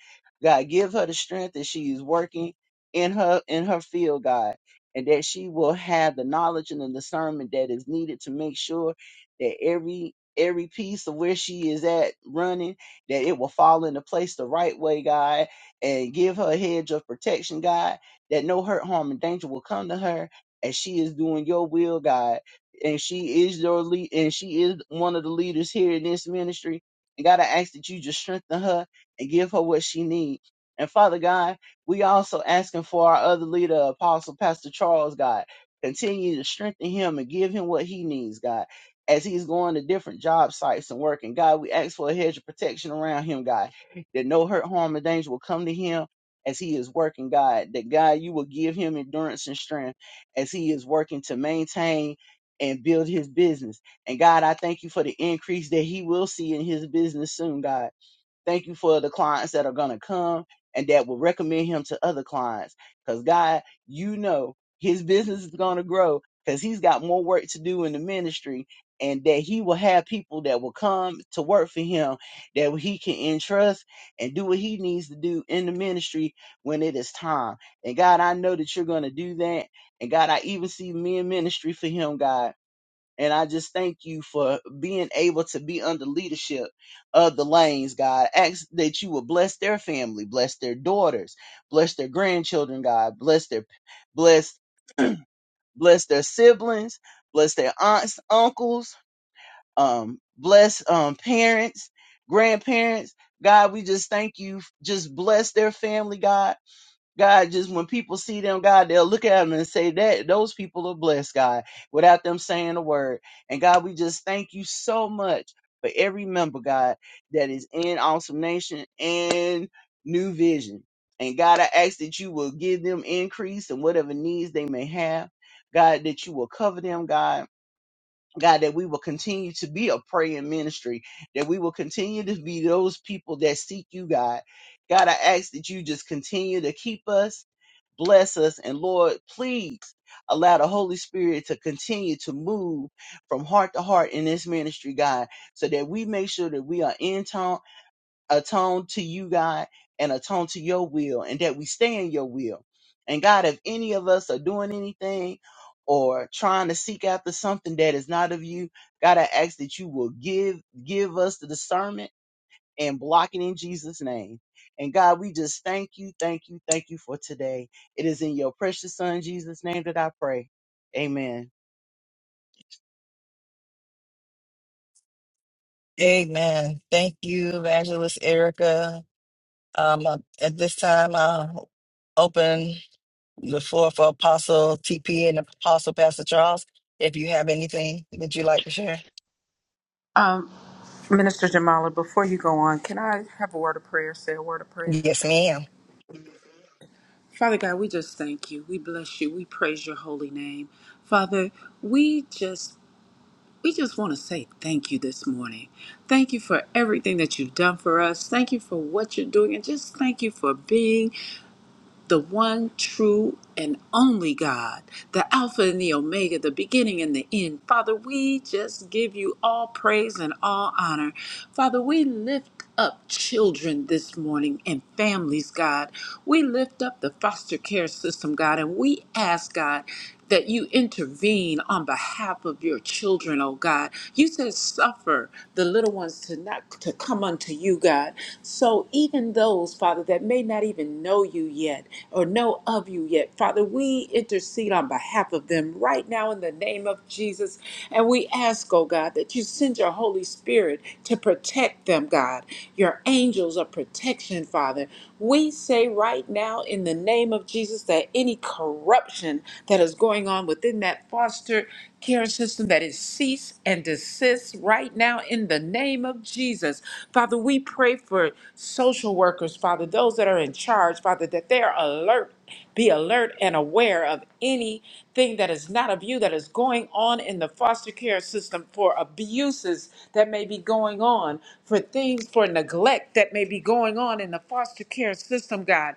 God give her the strength that she is working in her in her field, God, and that she will have the knowledge and the discernment that is needed to make sure that every every piece of where she is at running that it will fall into place the right way god and give her a hedge of protection god that no hurt harm and danger will come to her as she is doing your will god and she is your lead and she is one of the leaders here in this ministry and god i ask that you just strengthen her and give her what she needs and father god we also asking for our other leader apostle pastor charles god continue to strengthen him and give him what he needs god as he's going to different job sites and working. God, we ask for a hedge of protection around him, God, that no hurt, harm, or danger will come to him as he is working, God, that God, you will give him endurance and strength as he is working to maintain and build his business. And God, I thank you for the increase that he will see in his business soon, God. Thank you for the clients that are going to come and that will recommend him to other clients. Because God, you know his business is going to grow because he's got more work to do in the ministry and that he will have people that will come to work for him that he can entrust and do what he needs to do in the ministry when it is time. And God, I know that you're going to do that. And God, I even see men ministry for him, God. And I just thank you for being able to be under leadership of the Lanes, God. Ask that you will bless their family, bless their daughters, bless their grandchildren, God. Bless their bless bless their siblings, bless their aunts, uncles, um, bless um parents, grandparents. God, we just thank you. Just bless their family, God. God, just when people see them, God, they'll look at them and say that those people are blessed, God, without them saying a word. And God, we just thank you so much for every member, God, that is in Awesome Nation and New Vision. And God, I ask that you will give them increase in whatever needs they may have. God, that you will cover them, God. God, that we will continue to be a praying ministry, that we will continue to be those people that seek you, God. God, I ask that you just continue to keep us Bless us. And Lord, please allow the Holy Spirit to continue to move from heart to heart in this ministry, God, so that we make sure that we are in tone, attuned to you, God, and attuned to your will, and that we stay in your will. And God, if any of us are doing anything or trying to seek after something that is not of you, God, I ask that you will give give us the discernment and block it in Jesus' name. And God, we just thank you, thank you, thank you for today. It is in your precious Son, Jesus' name, that I pray. Amen.
Amen. Thank you, Evangelist Erica. Um, uh, at this time, I'll open the floor for Apostle TP and Apostle Pastor Charles. If you have anything that you'd like to share,
Um, Minister Jamala, before you go on, can I have a word of prayer? Say a word of prayer.
yes, ma'am.
Father God, we just thank you. We bless you. We praise your holy name. Father, we just we just want to say thank you this morning. Thank you for everything that you've done for us. Thank you for what you're doing and just thank you for being the one true and only God, the Alpha and the Omega, the beginning and the end. Father, we just give you all praise and all honor. Father, we lift up children this morning and families, God. We lift up the foster care system, God, and we ask, God, that you intervene on behalf of your children, oh God. You said suffer the little ones to not to come unto you, God. So even those, Father, that may not even know you yet or know of you yet, Father, we intercede on behalf of them right now in the name of Jesus. And we ask, oh God, that you send your Holy Spirit to protect them, God. Your angels of protection, Father. We say right now in the name of Jesus that any corruption that is going on within that foster care system that is cease and desist right now in the name of Jesus. Father, we pray for social workers, Father, those that are in charge, Father, that they are alert. Be alert and aware of anything that is not of you that is going on in the foster care system for abuses that may be going on, for things, for neglect that may be going on in the foster care system, God.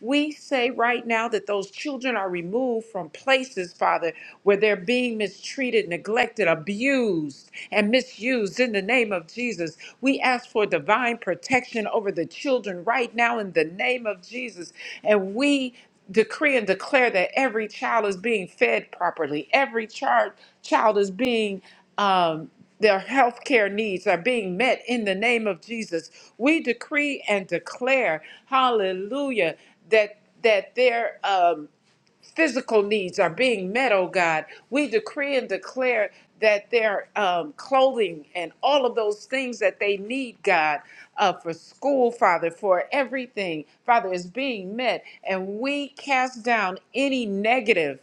We say right now that those children are removed from places, Father, where they're being mistreated, neglected, abused, and misused in the name of Jesus. We ask for divine protection over the children right now in the name of Jesus. And we decree and declare that every child is being fed properly, every child child is being um, their health care needs are being met in the name of Jesus. We decree and declare, hallelujah, that that their um, physical needs are being met, oh God. We decree and declare that their um, clothing and all of those things that they need, God, uh, for school, Father, for everything, Father, is being met. And we cast down any negative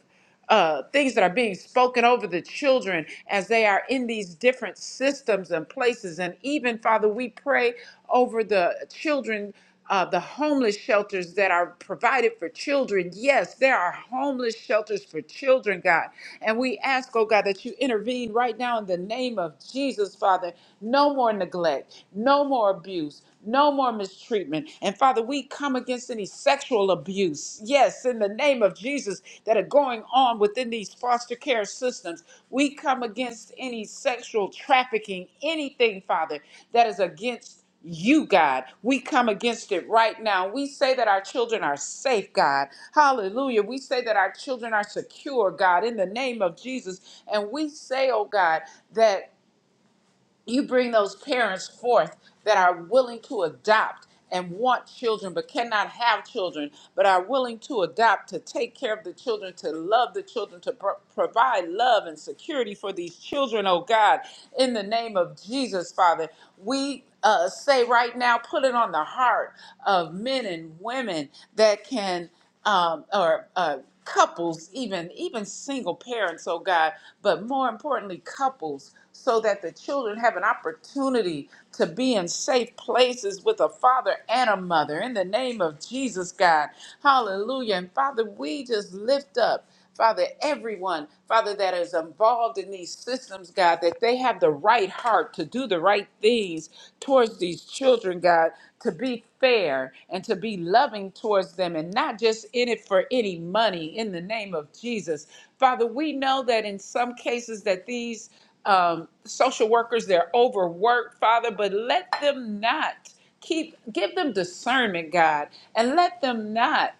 uh, things that are being spoken over the children as they are in these different systems and places. And even, Father, we pray over the children. Uh, the homeless shelters that are provided for children. Yes, there are homeless shelters for children, God. And we ask, oh God, that you intervene right now in the name of Jesus, Father. No more neglect, no more abuse, no more mistreatment. And Father, we come against any sexual abuse, yes, in the name of Jesus, that are going on within these foster care systems. We come against any sexual trafficking, anything, Father, that is against you, God. We come against it right now. We say that our children are safe, God. Hallelujah. We say that our children are secure, God, in the name of Jesus. And we say, oh God, that you bring those parents forth that are willing to adopt and want children but cannot have children but are willing to adopt to take care of the children to love the children to pro- provide love and security for these children oh god in the name of jesus father we uh, say right now put it on the heart of men and women that can um, or uh, couples, even even single parents, oh God, but more importantly, couples, so that the children have an opportunity to be in safe places with a father and a mother. In the name of Jesus, God, Hallelujah! And Father, we just lift up. Father, everyone, Father, that is involved in these systems, God, that they have the right heart to do the right things towards these children, God, to be fair and to be loving towards them and not just in it for any money in the name of Jesus. Father, we know that in some cases that these um, social workers, they're overworked, Father, but let them not keep, give them discernment, God, and let them not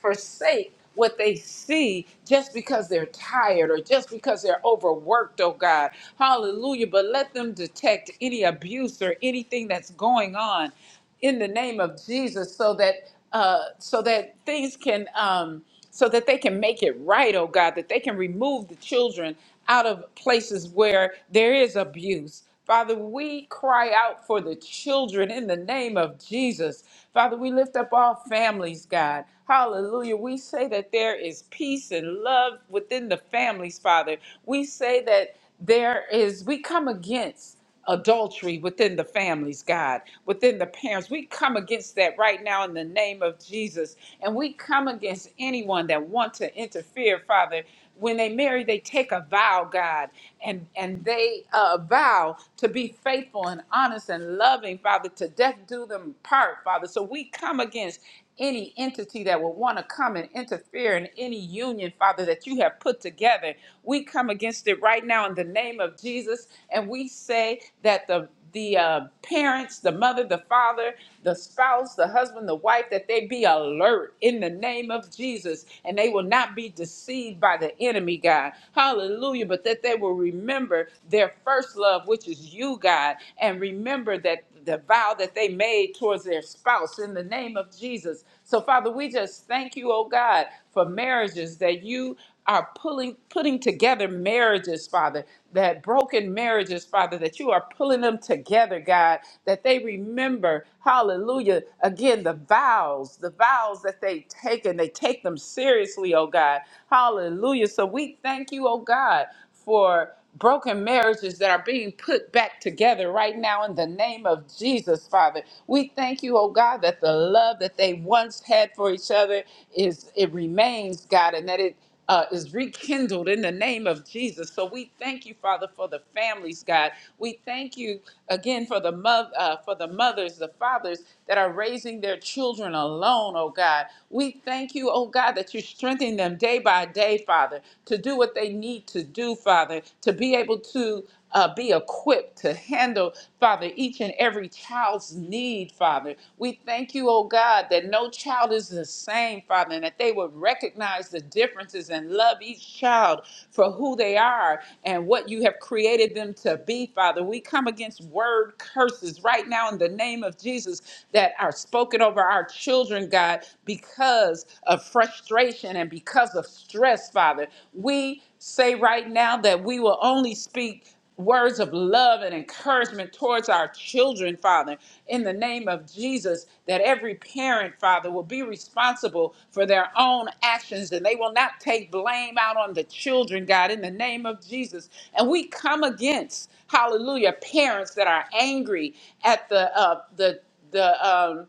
forsake what they see just because they're tired or just because they're overworked, oh God. Hallelujah. But let them detect any abuse or anything that's going on in the name of Jesus so that uh so that things can um so that they can make it right, oh God, that they can remove the children out of places where there is abuse. Father, we cry out for the children in the name of Jesus. Father, we lift up all families, God. Hallelujah. We say that there is peace and love within the families, Father. We say that there is, we come against adultery within the families, God, within the parents. We come against that right now in the name of Jesus. And we come against anyone that want to interfere, Father. When they marry, they take a vow, God, and, and they uh, vow to be faithful and honest and loving, Father, to death do them part, Father. So we come against any entity that would want to come and interfere in any union, Father, that you have put together together. We come against it right now in the name of Jesus, and we say that the the uh, parents, the mother, the father, the spouse, the husband, the wife, that they be alert in the name of Jesus and they will not be deceived by the enemy, God. Hallelujah. But that they will remember their first love, which is you, God, and remember that the vow that they made towards their spouse in the name of Jesus. So, Father, we just thank you, oh God, for marriages that you are pulling putting together marriages, Father, that broken marriages, Father, that you are pulling them together, God, that they remember, hallelujah, again, the vows, the vows that they take and they take them seriously, oh God. Hallelujah. So we thank you, oh God, for broken marriages that are being put back together right now in the name of Jesus, Father. We thank you, oh God, that the love that they once had for each other is it remains, God, and that it uh, is rekindled in the name of Jesus. So we thank you, Father, for the families, God. We thank you again for the mo- uh, for the mothers, the fathers that are raising their children alone, oh God. We thank you, oh God, that you strengthen them day by day, Father. Father, to do what they need to do, Father, to be able to uh, be equipped to handle, Father, each and every child's need, Father. We thank you, oh God, that no child is the same, Father, and that they would recognize the differences and love each child for who they are and what you have created them to be, Father. We come against word curses right now in the name of Jesus that are spoken over our children, God, because because of frustration and because of stress, Father. We say right now that we will only speak words of love and encouragement towards our children, Father, in the name of Jesus, that every parent, Father, will be responsible for their own actions and they will not take blame out on the children, God, in the name of Jesus. And we come against, hallelujah, parents that are angry at the, uh, the, the, um,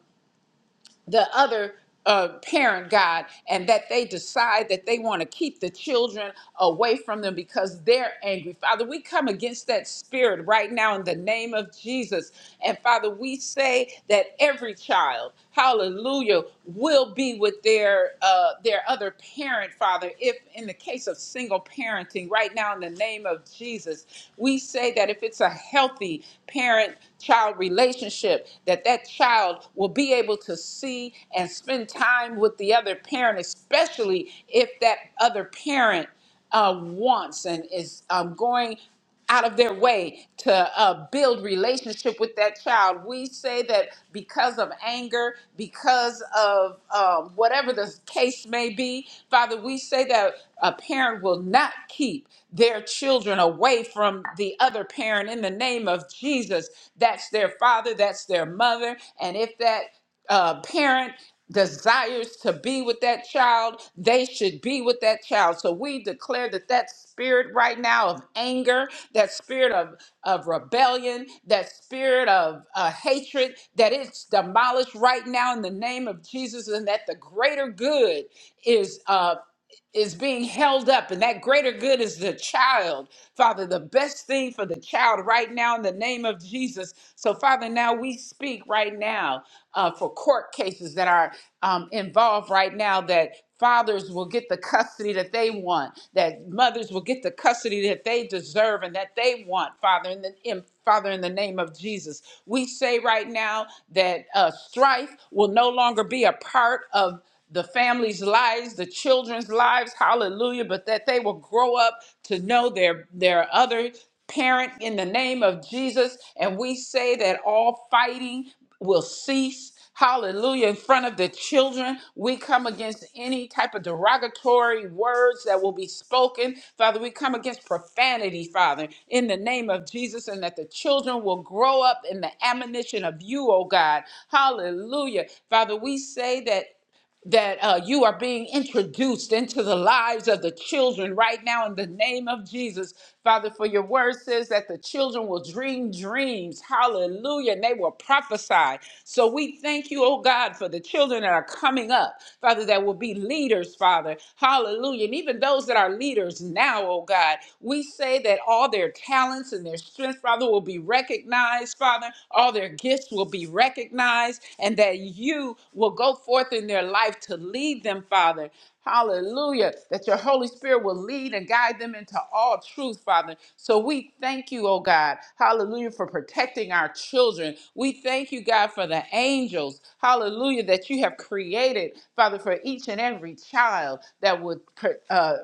the other uh, parent, God, and that they decide that they want to keep the children away from them because they're angry. Father, we come against that spirit right now in the name of Jesus. And Father, we say that every child, hallelujah, will be with their uh, their other parent, Father. If in the case of single parenting, right now in the name of Jesus, we say that if it's a healthy parent child relationship that that child will be able to see and spend time with the other parent especially if that other parent uh, wants and is um, going out of their way to uh, build relationship with that child. We say that because of anger, because of um, whatever the case may be, Father, we say that a parent will not keep their children children away from the other parent in the name of Jesus. That's their father, that's their mother. And if that uh, parent desires to be with that child, they should be with that child. So we declare that that spirit right now of anger, that spirit of, of rebellion, that spirit of uh, hatred, that it's demolished right now in the name of Jesus, and that the greater good is. Uh, is being held up, and that greater good is the child. Father, the best thing for the child right now in the name of Jesus. So, Father, now we speak right now uh, for court cases that are um, involved right now that. Fathers will get the custody that they want, that mothers will get the custody that they deserve and that they want, Father, in the in, Father, in the name of Jesus. We say right now that uh, strife will no longer be a part of the families' lives, the children's lives, hallelujah, but that they will grow up to know their their other parent in the name of Jesus. And we say that all fighting will cease. Hallelujah. In front of the children, we come against any type of derogatory words that will be spoken. Father, we come against profanity, Father, in the name of Jesus, and that the children will grow up in the admonition of you, oh God. Hallelujah. Father, we say that that uh, you are being introduced into the lives of the children right now in the name of Jesus. Father, for your word says that the children will dream dreams. Hallelujah. And they will prophesy. So we thank you, oh God, for the children that are coming up, Father, that will be leaders, Father. Hallelujah. And even those that are leaders now, oh God, we say that all their talents and their strength, Father, will be recognized recognized, Father. All their gifts will be recognized, and that you will go forth in their life to lead them, Father. Hallelujah. That your Holy Spirit will lead and guide them into all truth, Father. So we thank you, oh God. Hallelujah for protecting our children. We thank you, God, for the angels. Hallelujah that you have created, Father, for each and every child that would uh,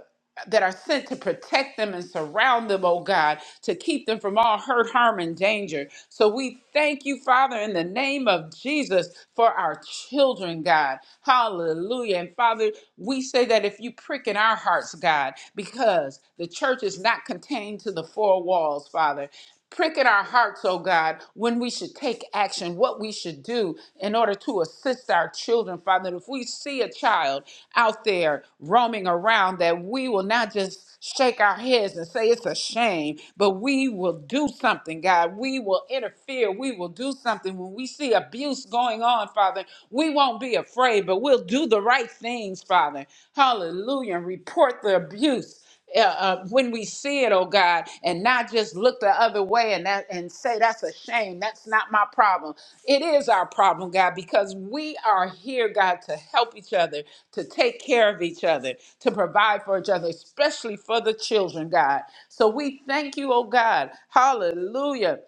that are sent to protect them and surround them, oh God, to keep them from all hurt, harm, and danger. So we thank you, Father, in the name of Jesus for our children, God. Hallelujah. And Father, we say that if you prick in our hearts, God, because the church is not contained to the four walls, Father. Prick in our hearts, oh God, when we should take action, what we should do in order to assist our children, Father. If we see a child out there roaming around, that we will not just shake our heads and say it's a shame, but we will do something, God. We will interfere. We will do something. When we see abuse going on, Father, we won't be afraid, but we'll do the right things, Father. Hallelujah. And report the abuse uh, uh, when we see it, oh God, and not just look the other way and that and say that's a shame. That's not my problem. It is our problem, God, because we are here, God, to help each other, to take care of each other, to provide for each other, especially for the children, God. So we thank you, oh God, Hallelujah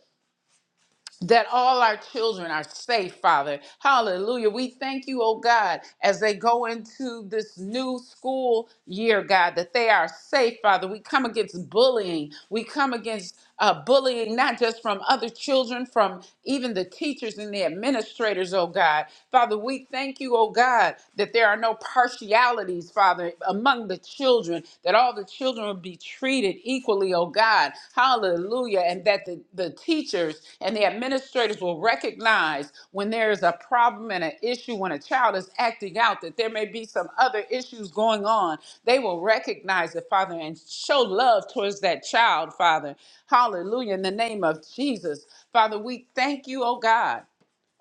that all our children are safe, Father. Hallelujah. We thank you, oh God, as they go into this new school year, God, that they are safe, Father. We come against bullying. We come against uh, bullying, not just from other children, from even the teachers and the administrators, oh God. Father, we thank you, oh God, that there are no partialities, Father, among the children children, that all the children would be treated equally, oh God. Hallelujah. And that the, the teachers and the administrators will recognize when there is a problem and an issue, when a child is acting out, that there may be some other issues going on. They will recognize it, Father, and show love towards that child, Father. Hallelujah. In the name of Jesus. Father, we thank you, oh God.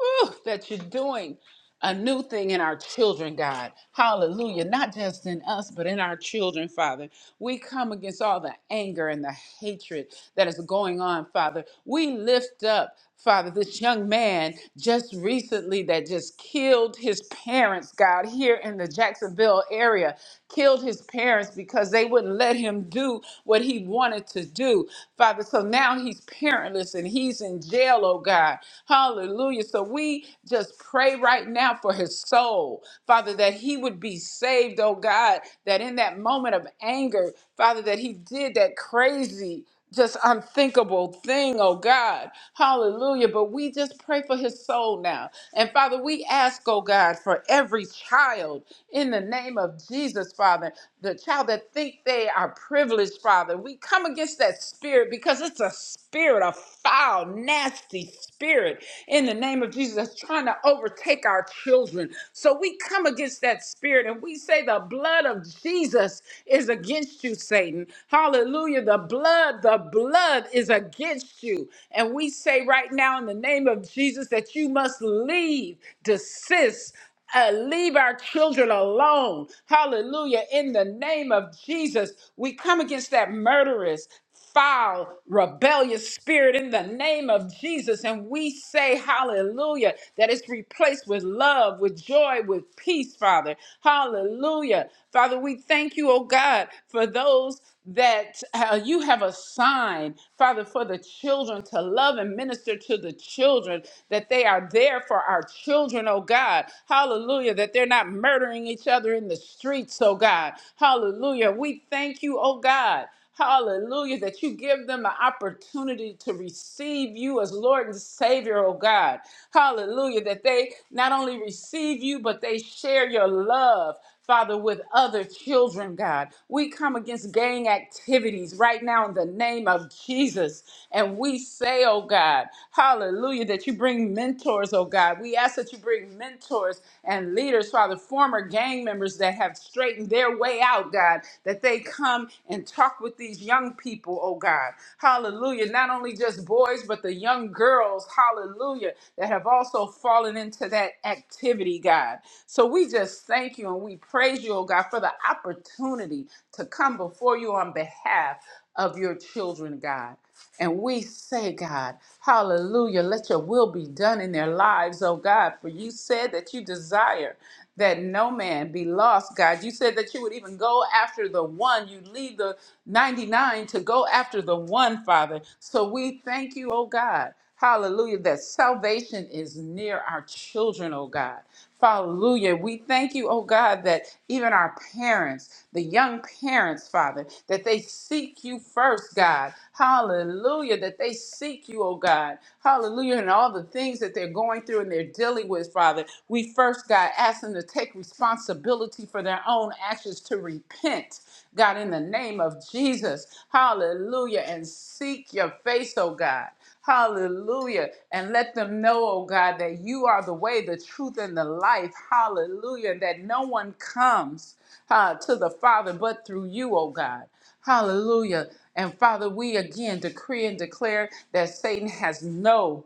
Whew, that you're doing a new thing in our children, God. Hallelujah. Not just in us, but in our children, Father. We come against all the anger and the hatred that is going on, Father. We lift up, Father, this young man just recently that just killed his parents, God, here in the Jacksonville area, killed his parents because they wouldn't let him do what he wanted to do, Father. So now he's parentless and he's in jail, oh God. Hallelujah. Hallelujah. So we just pray right now for his soul, Father, that he would be saved, oh God, that in that moment of anger, Father, that he did that crazy just unthinkable thing, oh God. Hallelujah. But we just pray for his soul now. And Father, we ask, oh God, for every child in the name of Jesus, Father the child that think they are privileged, Father. We come against that spirit because it's a spirit, a foul, nasty spirit in the name of Jesus that's trying to overtake our children. So we come against that spirit and we say the blood of Jesus is against you, Satan. Hallelujah. The blood, the blood is against you. And we say right now in the name of Jesus that you must leave, desist uh, leave our children alone. Hallelujah. In the name of Jesus, we come against that murderous, foul, rebellious spirit in the name of Jesus. And we say, Hallelujah, that it's replaced with love, with joy, with peace, Father. Hallelujah. Father, we thank you, oh God, for those that uh, you have assigned, Father, for the children to love and minister to the children, that they are there for our children, oh God. God. Hallelujah, that they're not murdering each other in the streets, oh God. Hallelujah. We thank you, oh God. Hallelujah, that you give them the opportunity to receive you as Lord and Savior, oh God. Hallelujah, that they not only receive you, but they share your love. Father, with other children, God. We come against gang activities right now in the name of Jesus. And we say, oh God, hallelujah, that you bring mentors, oh God. We ask that you bring mentors and leaders, Father, former gang members that have straightened their way out, God, that they come and talk with these young people, oh God. Hallelujah. Not only just boys, but the young girls, hallelujah hallelujah, that have also fallen into that activity, God. So we just thank you and we praise you, oh God, for the opportunity to come before you on behalf of your children, God. And we say, God, hallelujah, let your will be done in their lives, oh God. For you said that you desire that no man be lost, God. You said that you would even go after the one. You leave the 99 to go after the one, Father. So we thank you, oh God. Hallelujah. That salvation is near our children, oh God. Hallelujah. We thank you, oh God, that even our parents, the young parents, Father, that they seek you first, God. Hallelujah. That they seek you, oh God. Hallelujah. And all the things that they're going through and they're dealing with, Father, we first, God, ask them to take responsibility for their own actions to repent. God, in the name of Jesus, hallelujah, and seek your face, oh God. Hallelujah. And let them know, oh God, that you are the way, the truth, and the life. Hallelujah. And that no one comes uh, to the Father but through you, oh God. Hallelujah. And Father, we again decree and declare that Satan has no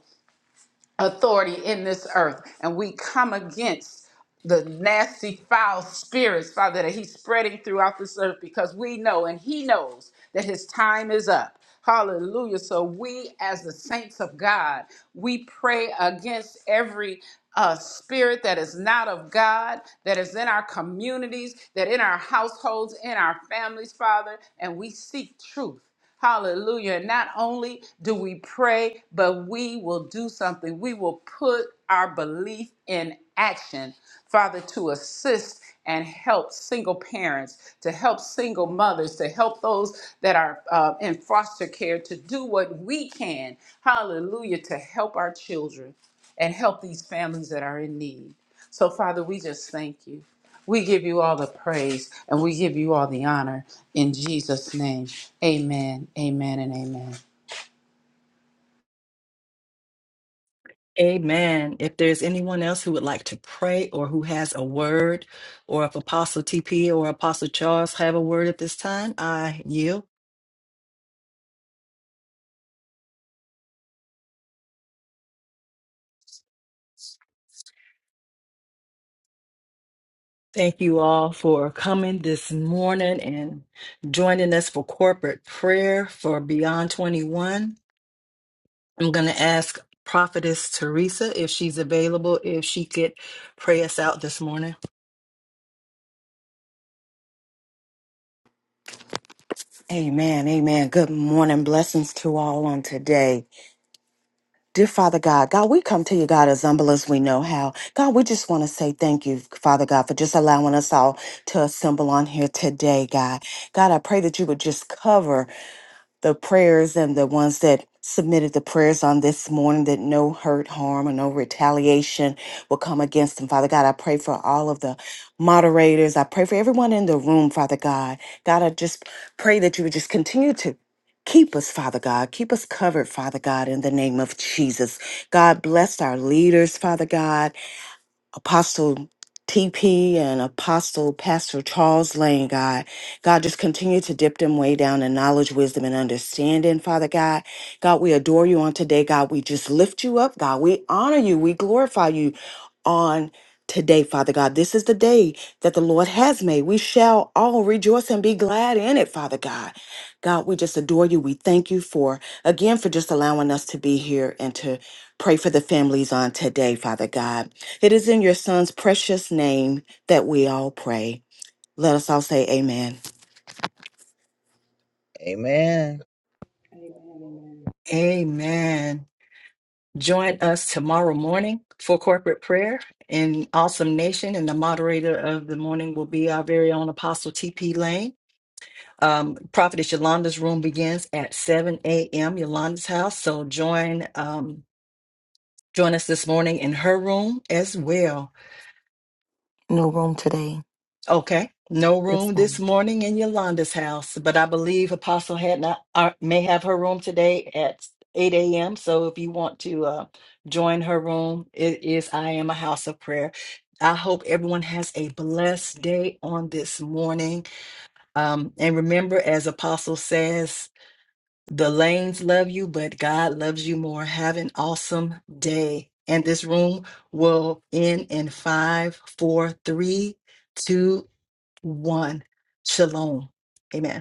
authority in this earth. And we come against the nasty, foul spirits, Father, that He's spreading throughout this earth because we know and He knows that His time is up. Hallelujah. So we, as the saints of God, we pray against every a spirit that is not of God, that is in our communities, that in our households, in our families, Father, and we seek truth. Hallelujah. Not only do we pray, but we will do something. We will put our belief in action, Father, to assist and help single parents, to help single mothers, to help those that are uh, in foster care, to do what we can, hallelujah, to help our children and help these families that are in need. So, Father, we just thank you. We give you all the praise and we give you all the honor in Jesus' name. Amen, amen, and amen.
Amen. If there's anyone else who would like to pray or who has a word, or if Apostle TP or Apostle Charles have a word at this time, I yield. Thank you all for coming this morning and joining us for corporate prayer for Beyond 21. I'm going to ask Prophetess Teresa if she's available, if she could pray us out this morning.
Amen. Amen. Good morning. Blessings to all on today. Dear Father God, God, we come to you, God, as humble as we know how. God, we just want to say thank you, Father God, for just allowing us all to assemble on here today, God. God, I pray that you would just cover the prayers and the ones that submitted the prayers on this morning that no hurt, harm, or no retaliation will come against them. Father God, I pray for all of the moderators. I pray for everyone in the room, Father God. God, I just pray that you would just continue to. Keep us, Father God. Keep us covered, Father God, in the name of Jesus. God bless our leaders, Father God. Apostle TP and Apostle Pastor Charles Lane, God. God, just continue to dip them way down in knowledge, wisdom, and understanding, Father God. God, we adore you on today, God. We just lift you up, God. We honor you. We glorify you on today, Father God. This is the day that the Lord has made. We shall all rejoice and be glad in it, Father God. God, we just adore you. We thank you for, again, for just allowing us to be here and to pray for the families on today, Father God. It is in your son's precious name that we all pray. Let us all say amen.
Amen.
Anybody have any
Amen. Join us tomorrow morning for corporate prayer in Awesome Nation, and the moderator of the morning will be our very own Apostle T.P. Lane. Um, Prophetess Yolanda's room begins at 7 a.m. Yolanda's house, so join um, join us this morning in her room as well.
No room today.
Okay. No
Yes,
room this
ma'am.
morning in Yolanda's house, but I believe Apostle had not uh, may have her room today at 8 a.m. So if you want to uh, join her room, it is I am a house of prayer. I hope everyone has a blessed day on this morning. Um, and remember, as Apostle says, the lanes love you, but God loves you more. Have an awesome day. And this room will end in five, four, three, two, one. Shalom. Amen.